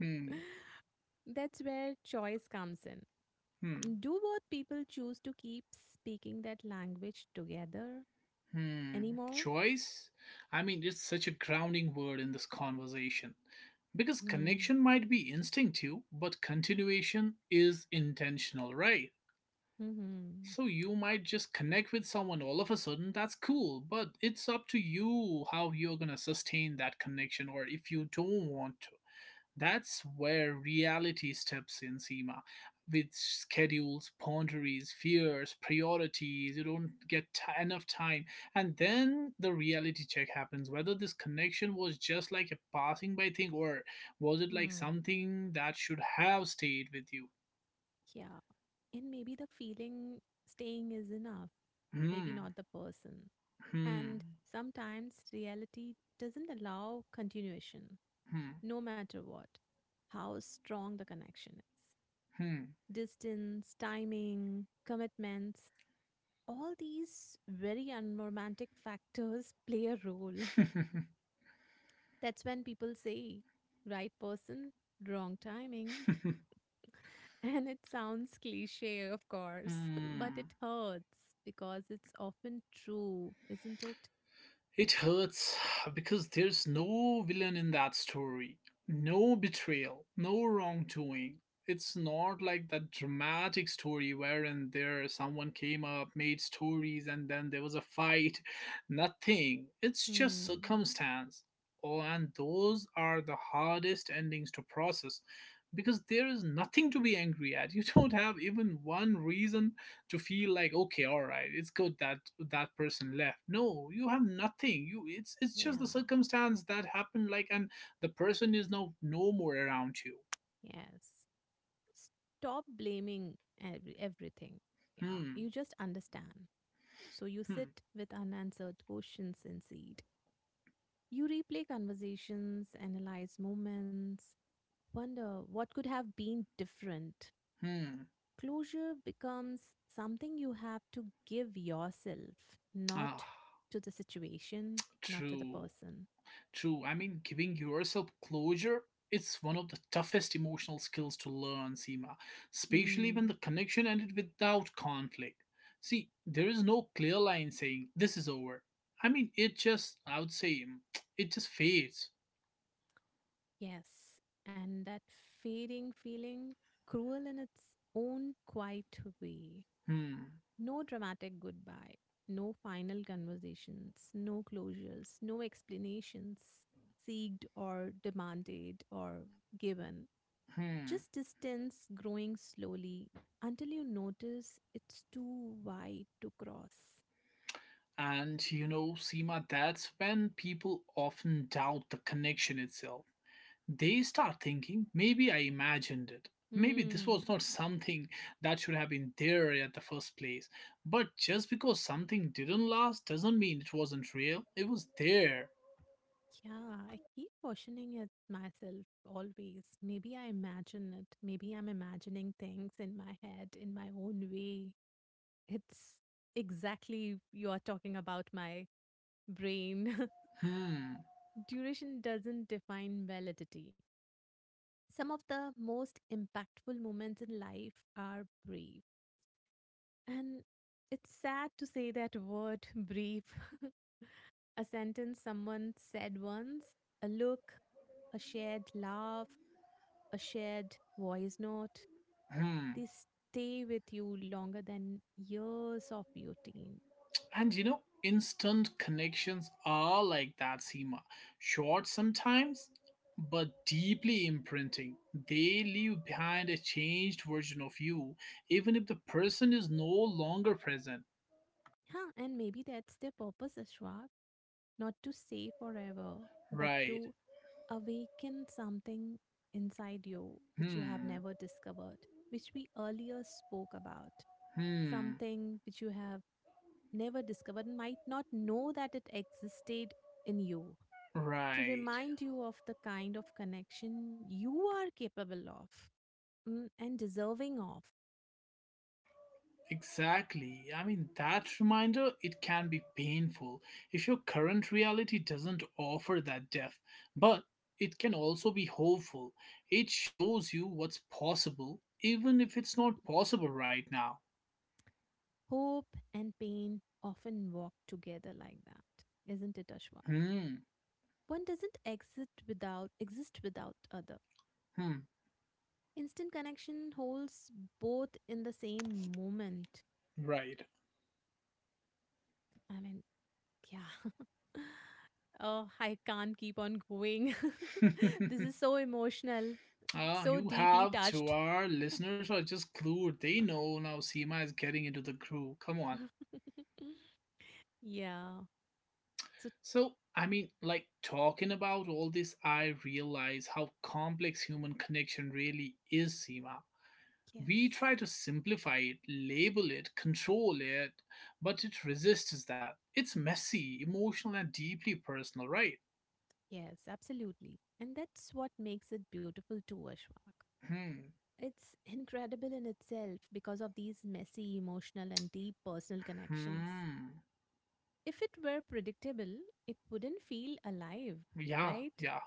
Speaker 1: hmm.
Speaker 2: That's where choice comes in.
Speaker 1: Hmm.
Speaker 2: Do both people choose to keep speaking that language together
Speaker 1: Hmm.
Speaker 2: anymore?
Speaker 1: Choice? I mean, it's such a grounding word in this conversation. Because
Speaker 2: Hmm.
Speaker 1: connection might be instinctive, but continuation is intentional, right?
Speaker 2: Hmm.
Speaker 1: So you might just connect with someone all of a sudden, that's cool, but it's up to you how you're gonna sustain that connection or if you don't want to. That's where reality steps in, Seema. With schedules, boundaries, fears, priorities, you don't get t- enough time. And then the reality check happens whether this connection was just like a passing by thing or was it like
Speaker 2: Hmm.
Speaker 1: something that should have stayed with you.
Speaker 2: Yeah. And maybe the feeling staying is enough. Maybe
Speaker 1: Hmm.
Speaker 2: not the person.
Speaker 1: Hmm.
Speaker 2: And sometimes reality doesn't allow continuation, no matter what, how strong the connection is.
Speaker 1: Hmm.
Speaker 2: Distance, timing, commitments, all these very unromantic factors play a role.
Speaker 1: Hmm.
Speaker 2: That's when people say, right person, wrong timing. And it sounds cliche, of course, but it
Speaker 1: Hmm.
Speaker 2: hurts because it's often true, isn't it?
Speaker 1: It hurts because there's no villain in that story, no betrayal, no wrongdoing. It's not like that dramatic story wherein there someone came up, made stories, and then there was a fight. Nothing. It's just
Speaker 2: Hmm.
Speaker 1: circumstance. Oh, and those are the hardest endings to process because there is nothing to be angry at. You don't have even one reason to feel like, okay, all right, it's good that person left. No, you have nothing. You, it's just the
Speaker 2: Yeah.
Speaker 1: circumstance that happened, like, and the person is now no more around you.
Speaker 2: Yes. Stop blaming everything. Yeah.
Speaker 1: Hmm.
Speaker 2: You just understand. So you
Speaker 1: Hmm.
Speaker 2: sit with unanswered questions in seed. You replay conversations, analyze moments, wonder what could have been different.
Speaker 1: Hmm.
Speaker 2: Closure becomes something you have to give yourself, not
Speaker 1: Ah.
Speaker 2: to the situation, not to the
Speaker 1: True.
Speaker 2: person.
Speaker 1: True. I mean, giving yourself closure, it's one of the toughest emotional skills to learn, sima especially when
Speaker 2: Hmm.
Speaker 1: the connection ended without conflict. See, there is no clear line saying this is over. I mean, it just I would say it just fades.
Speaker 2: Yes, and that fading feeling, cruel in its own quiet way.
Speaker 1: Hmm.
Speaker 2: No dramatic goodbye, no final conversations, no closures, no explanations seeked or demanded or given.
Speaker 1: Hmm.
Speaker 2: Just distance growing slowly until you notice it's too wide to cross.
Speaker 1: And you know, Seema, that's when people often doubt the connection itself. They start thinking, maybe I imagined it. Maybe this
Speaker 2: Hmm.
Speaker 1: was not something that should have been there at the first place. But just because something didn't last doesn't mean it wasn't real. It was there.
Speaker 2: Yeah, I keep questioning it myself always. Maybe I imagine it. Maybe I'm imagining things in my head in my own way. It's exactly you are talking about my brain.
Speaker 1: Hmm.
Speaker 2: Duration doesn't define validity. Some of the most impactful moments in life are brief. And it's sad to say that word, brief, a sentence someone said once, a look, a shared laugh, a shared voice note,
Speaker 1: Hmm.
Speaker 2: they stay with you longer than years of routine.
Speaker 1: And you know, instant connections are like that, Seema. Short sometimes, but deeply imprinting. They leave behind a changed version of you, even if the person is no longer present.
Speaker 2: Huh, and maybe that's their purpose, Ashwak, not to stay forever, but
Speaker 1: Right.
Speaker 2: to awaken something inside you which you have
Speaker 1: Hmm.
Speaker 2: never discovered, which we earlier spoke about,
Speaker 1: Hmm.
Speaker 2: something which you have never discovered and might not know that it existed in you. To
Speaker 1: Right.
Speaker 2: remind you of the kind of connection you are capable of, and deserving of.
Speaker 1: Exactly. I mean, that reminder, it can be painful if your current reality doesn't offer that depth, but it can also be hopeful. It shows you what's possible, even if it's not possible right now.
Speaker 2: Hope and pain often walk together like that, isn't it, Ashwak?
Speaker 1: Hmm,
Speaker 2: One doesn't exist without other.
Speaker 1: hmm,
Speaker 2: Instant connection holds both in the same moment.
Speaker 1: right.
Speaker 2: I mean, yeah. Oh, I can't keep on going. This is so emotional,
Speaker 1: Ah,
Speaker 2: so
Speaker 1: you
Speaker 2: deeply
Speaker 1: have to.
Speaker 2: touched.
Speaker 1: Our listeners are just clued. They know now Seema is getting into the crew. Come on.
Speaker 2: Yeah. So
Speaker 1: So, I mean, like, talking about all this, I realize how complex human connection really is, Seema. We try
Speaker 2: yes,
Speaker 1: to simplify it, label it, control it, but it resists that. It's messy, emotional, and deeply personal, right?
Speaker 2: yes, absolutely. And that's what makes it beautiful too, Ashwak.
Speaker 1: Hmm.
Speaker 2: It's incredible in itself because of these messy, emotional, and deep personal connections.
Speaker 1: Hmm.
Speaker 2: If it were predictable, it wouldn't feel alive,
Speaker 1: Yeah,
Speaker 2: right?
Speaker 1: yeah.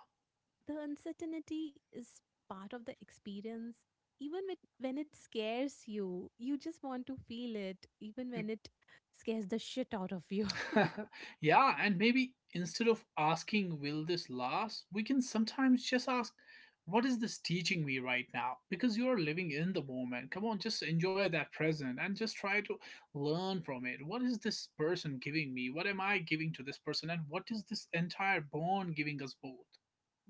Speaker 2: The uncertainty is part of the experience. Even with, when it scares you, you just want to feel it, even when it scares the shit out of you.
Speaker 1: Yeah, and maybe instead of asking, will this last, we can sometimes just ask, what is this teaching me right now? Because you are living in the moment. Come on, just enjoy that present and just try to learn from it. What is this person giving me? What am I giving to this person? And what is this entire bond giving us both?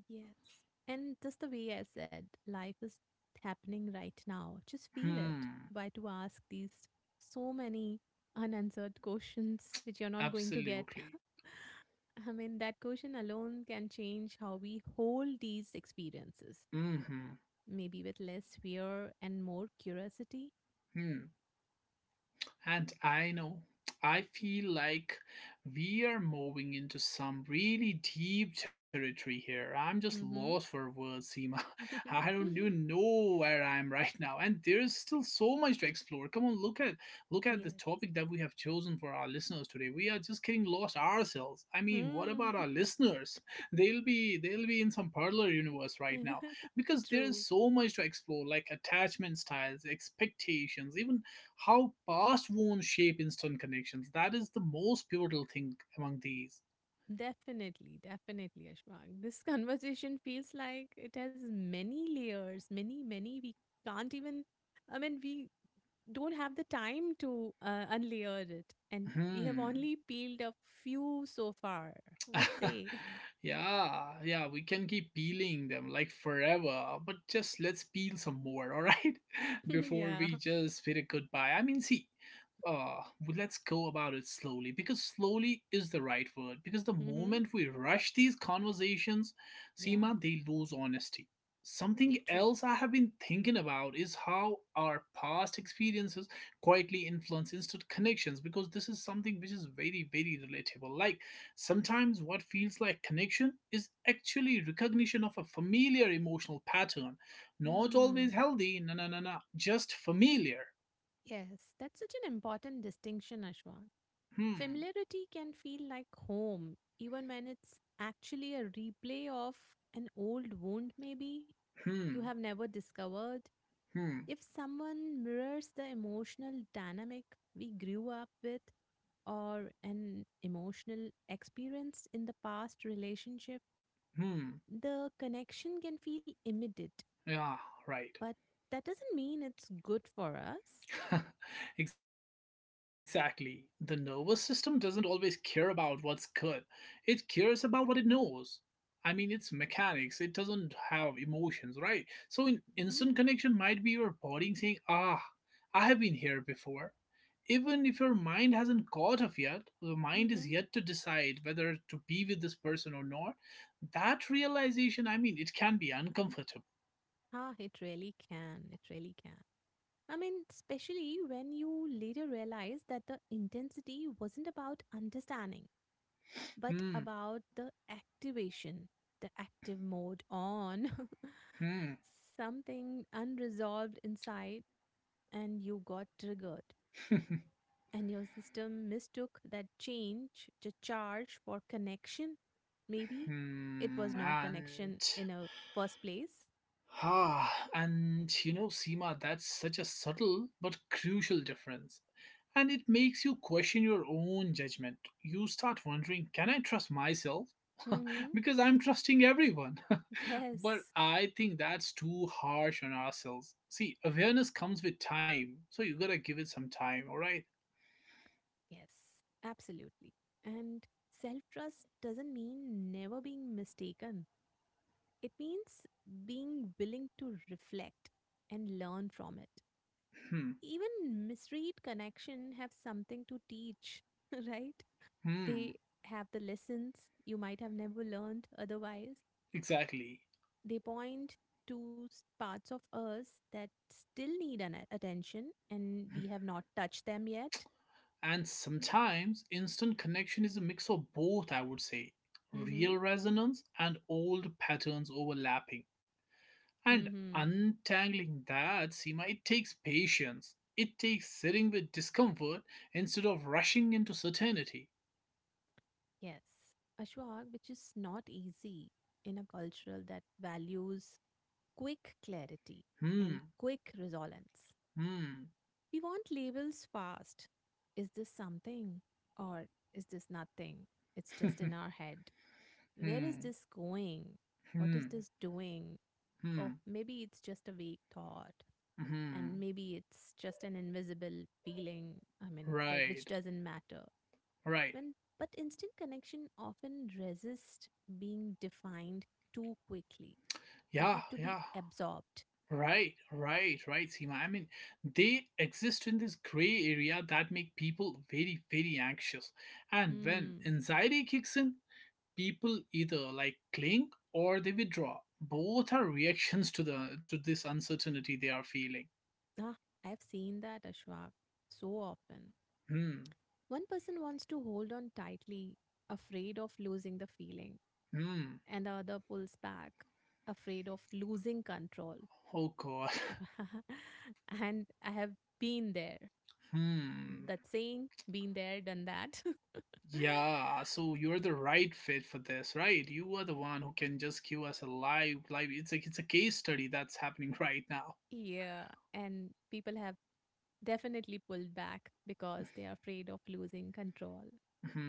Speaker 2: Yes. And just the way I said, life is happening right now. Just feel it.
Speaker 1: Hmm,
Speaker 2: Why to ask these so many unanswered questions which you're not going to get?
Speaker 1: absolutely.
Speaker 2: I mean, that question alone can change how we hold these experiences.
Speaker 1: Mm hmm.
Speaker 2: Maybe with less fear and more curiosity.
Speaker 1: Hmm. And I know, I feel like we are moving into some really deep territory here. I'm just
Speaker 2: Mm-hmm.
Speaker 1: lost for words, Seema. I don't even know where I am right now, and there's still so much to explore. Come on, look at the
Speaker 2: Yes.
Speaker 1: topic that we have chosen for our listeners today. We are just getting lost ourselves. I mean, what
Speaker 2: Hmm.
Speaker 1: about our listeners? They'll be in some parallel universe right now, because there's
Speaker 2: True.
Speaker 1: so much to explore, like attachment styles, expectations, even how past wounds shape instant connections. That is the most pivotal thing among these.
Speaker 2: Definitely, definitely, Ashwag. This conversation feels like it has many layers, many, many. We can't even, I mean, we don't have the time to unlayer it. And we have
Speaker 1: Hmm.
Speaker 2: only peeled a few so far. What say?
Speaker 1: Yeah, yeah, we can keep peeling them like forever, but just let's peel some more, all right? Before
Speaker 2: Yeah.
Speaker 1: we just bid it goodbye. I mean, see, well, let's go about it slowly, because slowly is the right word. Because the
Speaker 2: Mm-hmm.
Speaker 1: moment we rush these conversations,
Speaker 2: Yeah.
Speaker 1: Seema, they lose honesty.
Speaker 2: Very
Speaker 1: Something
Speaker 2: true.
Speaker 1: else I have been thinking about is how our past experiences quietly influence instant connections, because this is something which is very, very relatable. Like, sometimes what feels like connection is actually recognition of a familiar emotional pattern. Not always
Speaker 2: Hmm.
Speaker 1: healthy, no, no, no, no, just familiar.
Speaker 2: Yes, that's such an important distinction, Ashwa.
Speaker 1: Hmm.
Speaker 2: Familiarity can feel like home, even when it's actually a replay of an old wound, maybe you have
Speaker 1: Hmm.
Speaker 2: never discovered.
Speaker 1: Hmm.
Speaker 2: If someone mirrors the emotional dynamic we grew up with or an emotional experience in the past relationship,
Speaker 1: Hmm.
Speaker 2: the connection can feel immediate,
Speaker 1: Yeah, right.
Speaker 2: but that doesn't mean it's good for us.
Speaker 1: Exactly. The nervous system doesn't always care about what's good, it cares about what it knows. I mean, it's mechanics, it doesn't have emotions, right? So, in
Speaker 2: Mhm,
Speaker 1: instant connection, might be your body saying, ah, I have been here before, even if your mind hasn't caught up yet. The mind is
Speaker 2: mhm.
Speaker 1: yet to decide whether to be with this person or not. That realization, I mean, it can be uncomfortable.
Speaker 2: Ah, it really can. It really can. I mean, especially when you later realize that the intensity wasn't about understanding, but
Speaker 1: Hmm,
Speaker 2: about the activation, the active mode on,
Speaker 1: hmm,
Speaker 2: something unresolved inside, and you got triggered. And your system mistook that change, the charge for connection. Maybe it
Speaker 1: hmm,
Speaker 2: was not
Speaker 1: and
Speaker 2: connection in a first place.
Speaker 1: Ah, and you know, Seema, that's such a subtle but crucial difference. And it makes you question your own judgment. You start wondering, can I trust myself?
Speaker 2: Hmm.
Speaker 1: Because I'm trusting everyone. But
Speaker 2: Yes.
Speaker 1: I think that's too harsh on ourselves. See, awareness comes with time, so you gotta give it some time, alright?
Speaker 2: Yes, absolutely. And self trust doesn't mean never being mistaken, it means being willing to reflect and learn from it.
Speaker 1: Hmm,
Speaker 2: Even misread connection have something to teach, right?
Speaker 1: hmm,
Speaker 2: They have the lessons you might have never learned otherwise.
Speaker 1: exactly.
Speaker 2: They point to parts of us that still need an attention and we have not touched them yet.
Speaker 1: And sometimes instant connection is a mix of both, I would say,
Speaker 2: Mm-hmm.
Speaker 1: real resonance and old patterns overlapping. And
Speaker 2: Mm-hmm.
Speaker 1: untangling that, Seema, it takes patience. It takes sitting with discomfort instead of rushing into certainty.
Speaker 2: Yes, Ashwag, which is not easy in a cultural that values quick clarity and
Speaker 1: Hmm,
Speaker 2: quick resolence.
Speaker 1: hmm,
Speaker 2: We want labels fast. Is this something or is this nothing? It's just in our head. Where is
Speaker 1: hmm,
Speaker 2: this going? What
Speaker 1: hmm,
Speaker 2: is this doing? Oh,
Speaker 1: hmm,
Speaker 2: maybe it's just a vague thought and
Speaker 1: hmm.
Speaker 2: maybe it's just an invisible feeling, I mean, which
Speaker 1: Right,
Speaker 2: doesn't matter.
Speaker 1: right.
Speaker 2: When, but instant connection often resist being defined too quickly. They
Speaker 1: Yeah,
Speaker 2: have to be
Speaker 1: yeah.
Speaker 2: absorbed.
Speaker 1: Right, right, right, Seema. I mean, they exist in this gray area that make people very, very anxious. And when
Speaker 2: Hmm.
Speaker 1: anxiety kicks in, people either like cling or they withdraw. Both are reactions to the to this uncertainty they are feeling.
Speaker 2: Ah, I've seen that, Ashwak, so often.
Speaker 1: Hmm.
Speaker 2: One person wants to hold on tightly, afraid of losing the feeling,
Speaker 1: Hmm.
Speaker 2: and the other pulls back, afraid of losing control.
Speaker 1: Oh God.
Speaker 2: And I have been there.
Speaker 1: Hmm.
Speaker 2: That saying, been there, done that.
Speaker 1: Yeah. So you're the right fit for this, right? You are the one who can just give us a live, live. It's like, it's a case study that's happening right now.
Speaker 2: Yeah. And people have definitely pulled back because they are afraid of losing control.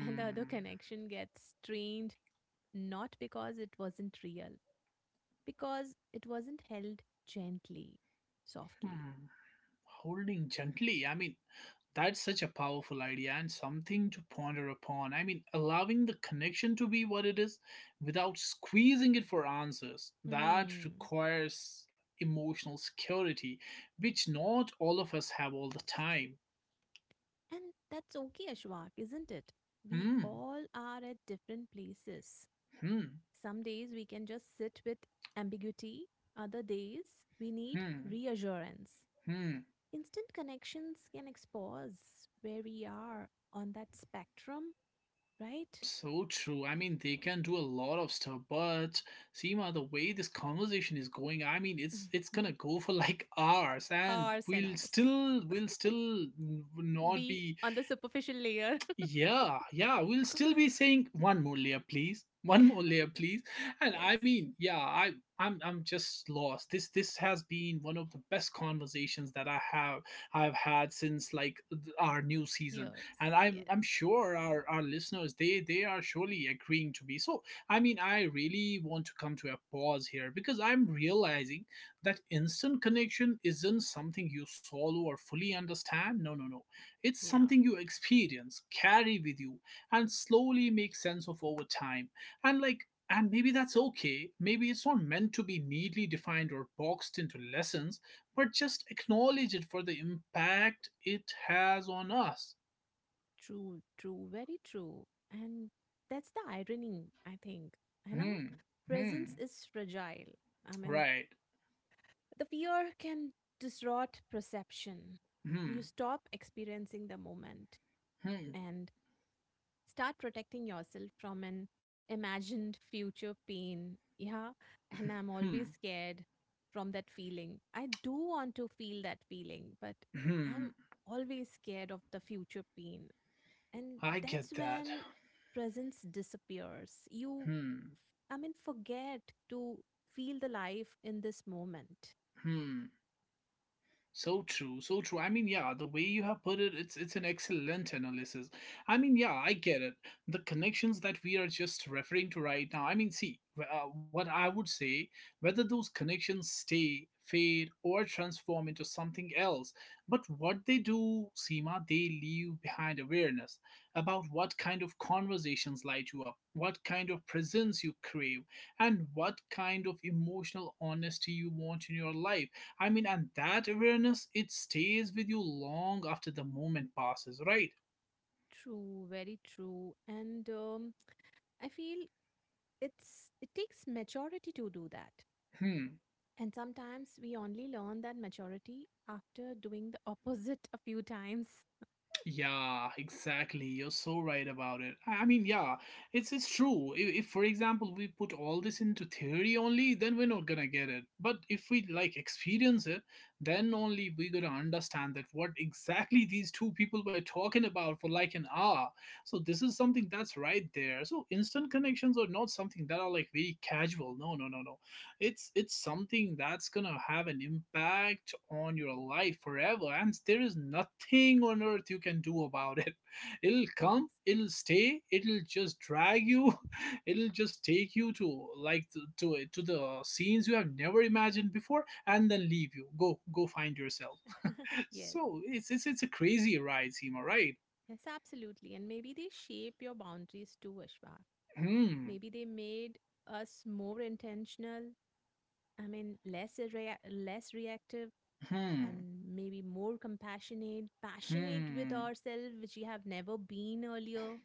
Speaker 2: And the other connection gets strained not because it wasn't real, because it wasn't held gently, softly.
Speaker 1: Hmm, holding gently. I mean, that's such a powerful idea and something to ponder upon. I mean, allowing the connection to be what it is without squeezing it for answers. That
Speaker 2: Hmm.
Speaker 1: requires emotional security, which not all of us have all the time.
Speaker 2: And that's okay, Ashwak, isn't it? We
Speaker 1: Hmm,
Speaker 2: all are at different places.
Speaker 1: hmm,
Speaker 2: Some days we can just sit with ambiguity, other days we need
Speaker 1: hmm,
Speaker 2: reassurance.
Speaker 1: hmm.
Speaker 2: Instant connections can expose where we are on that spectrum, right?
Speaker 1: So true. I mean, they can do a lot of stuff, but Seema, the way this conversation is going, I mean, it's gonna go for like hours, and
Speaker 2: Hours and
Speaker 1: we'll
Speaker 2: hours.
Speaker 1: still we'll still n- not
Speaker 2: Be
Speaker 1: be,
Speaker 2: on the superficial layer.
Speaker 1: yeah, yeah, we'll still be saying one more layer, please. One more layer, please. And
Speaker 2: Yes.
Speaker 1: I mean, yeah, I I'm just lost. This has been one of the best conversations that I've had since like our new season. And
Speaker 2: Years. Yes.
Speaker 1: I'm sure our listeners, they are surely agreeing to be. So, I mean, I really want to come to a pause here, because I'm realizing that instant connection isn't something you solve or fully understand. No, no, no, it's
Speaker 2: Yeah.
Speaker 1: something you experience, carry with you, and slowly make sense of over time. And maybe that's okay. Maybe it's not meant to be neatly defined or boxed into lessons, but just acknowledge it for the impact it has on us.
Speaker 2: True, true, very true. And that's the irony, I think. You know,
Speaker 1: Hmm.
Speaker 2: presence
Speaker 1: Hmm.
Speaker 2: is fragile. I mean,
Speaker 1: Right.
Speaker 2: the fear can distort perception. You
Speaker 1: Hmm.
Speaker 2: stop experiencing the moment
Speaker 1: Hmm.
Speaker 2: and start protecting yourself from an imagined future pain. Yeah. And I'm
Speaker 1: Hmm.
Speaker 2: always scared from that feeling. I do want to feel that feeling, but
Speaker 1: Hmm.
Speaker 2: I'm always scared of the future pain. And
Speaker 1: I get
Speaker 2: that's
Speaker 1: that.
Speaker 2: when presence disappears. You,
Speaker 1: Hmm.
Speaker 2: I mean, forget to feel the life in this moment.
Speaker 1: Hmm. So true, so true. I mean, yeah, the way you have put it, it's an excellent analysis. I mean, yeah, I get it. The connections that we are just referring to right now. I mean, see, what I would say, whether those connections stay, fade, or transform into something else, but what they do, Seema, they leave behind awareness about what kind of conversations light you up, what kind of presence you crave, and what kind of emotional honesty you want in your life. I mean, and that awareness, it stays with you long after the moment passes, right?
Speaker 2: True, very true. And I feel it's it takes maturity to do that.
Speaker 1: Hmm.
Speaker 2: And sometimes we only learn that maturity after doing the opposite a few times.
Speaker 1: Yeah, exactly. You're so right about it. I mean, yeah, it's true. If for example we put all this into theory only, then we're not gonna get it. But if we like experience it, then only we're gonna understand that what exactly these two people were talking about for like an hour. So this is something that's right there. So instant connections are not something that are like very casual. No, no, no, no, it's something that's gonna have an impact on your life forever, and there is nothing on earth you can do about it. It'll
Speaker 2: Yes.
Speaker 1: come, it'll stay, it'll just drag you. It'll just take you to, like, to the scenes you have never imagined before, and then leave you, go find yourself.
Speaker 2: Yes.
Speaker 1: So it's, it's a crazy ride, Seema, right?
Speaker 2: Yes, absolutely. And maybe they shape your boundaries too, Ashwa.
Speaker 1: Hmm.
Speaker 2: Maybe they made us more intentional. I mean, less reactive
Speaker 1: Hmm.
Speaker 2: and maybe more compassionate, passionate with
Speaker 1: Hmm.
Speaker 2: ourselves, which we have never been earlier.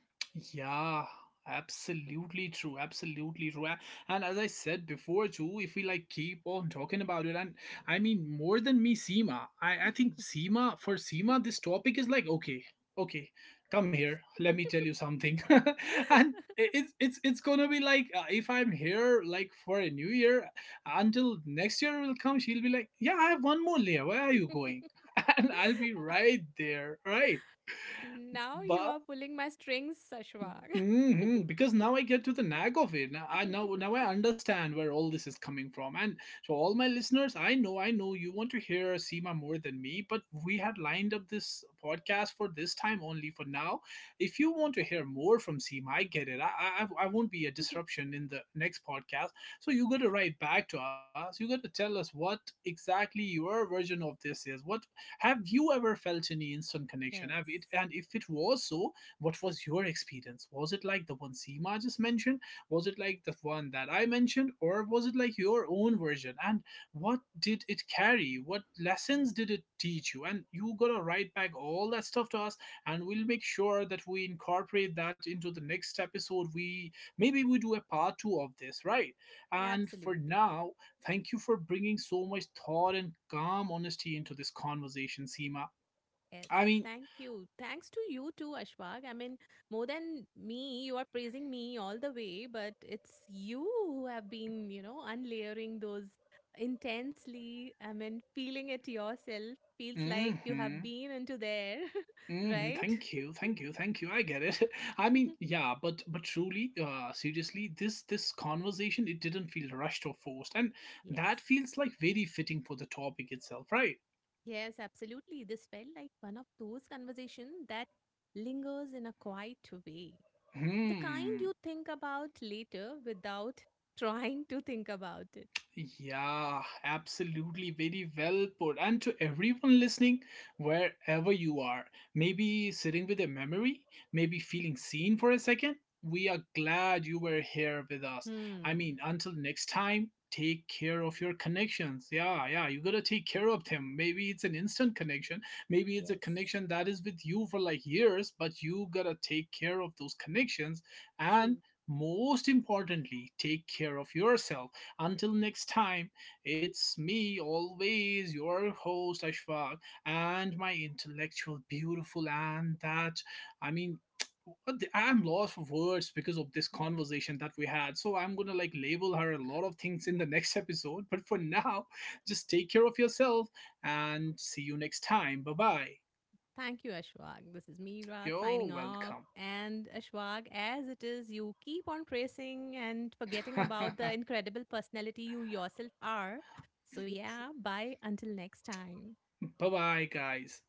Speaker 1: Yeah, absolutely true. Absolutely true. And as I said before too, if we like keep on talking about it, and I mean more than me, Seema. I think Seema for Seema, this topic is like, okay, okay, come here. Let me tell you something. And it's gonna be like, if I'm here like for a new year until next year will come, she'll be like, yeah, I have one more layer. Where are you going? And I'll be right there, right?
Speaker 2: Now you are pulling my strings, Sashwag.
Speaker 1: Hmm. Because now I get to the nag of it. Now I understand where all this is coming from. And so all my listeners, I know you want to hear Seema more than me, but we had lined up this podcast for this time only for now. If you want to hear more from Seema, I get it. I won't be a disruption in the next podcast. So you gotta write back to us. You gotta tell us what exactly your version of this is. What Have you ever felt any instant connection? Have it,
Speaker 2: Yes,
Speaker 1: and if it was so, what was your experience? Was it like the one Seema just mentioned? Was it like the one that I mentioned? Or was it like your own version? And what did it carry? What lessons did it teach you? And you gotta write back all that stuff to us, and we'll make sure that we incorporate that into the next episode. We maybe we do a part two of this, right? And for
Speaker 2: absolutely.
Speaker 1: now, thank you for bringing so much thought and calm honesty into this conversation, Seema.
Speaker 2: Yes,
Speaker 1: I mean,
Speaker 2: thank you. Thanks to you too, Ashwag. I mean, more than me, you are praising me all the way, but it's you who have been, you know, unlayering those intensely. I mean, feeling it yourself feels like you have
Speaker 1: hmm,
Speaker 2: been into there,
Speaker 1: hmm,
Speaker 2: right?
Speaker 1: thank you, thank you, thank you. I get it. I mean, yeah, but truly, seriously, this conversation it didn't feel rushed or forced, and
Speaker 2: Yes.
Speaker 1: that feels like very fitting for the topic itself, right?
Speaker 2: Yes, absolutely. This felt like one of those conversations that lingers in a quiet way. The kind
Speaker 1: Hmm.
Speaker 2: you think about later without trying to think about it.
Speaker 1: Yeah, absolutely. Very well put. And to everyone listening, wherever you are, maybe sitting with a memory, maybe feeling seen for a second, we are glad you were here with us. I
Speaker 2: Hmm.
Speaker 1: mean, until next time, take care of your connections. Yeah, yeah, you gotta take care of them. Maybe it's an instant connection, maybe it's a
Speaker 2: Yes.
Speaker 1: connection that is with you for like years, but you gotta take care of those connections. And
Speaker 2: True.
Speaker 1: most importantly, take care of yourself until next time. It's me, always your host, Ashfaq, and my intellectual, beautiful, and that, I mean, I'm lost of words because of this
Speaker 2: Yeah.
Speaker 1: conversation that we had. So I'm gonna like label her a lot of things in the next episode. But for now, just take care of yourself and see you next time. Bye bye.
Speaker 2: Thank you, Ashwag. This is Meera signing
Speaker 1: You're
Speaker 2: off.
Speaker 1: welcome.
Speaker 2: And Ashwag, as it is, you keep on tracing and forgetting
Speaker 1: Bye
Speaker 2: about the incredible personality you yourself are. So, yeah, bye until next time.
Speaker 1: bye, guys.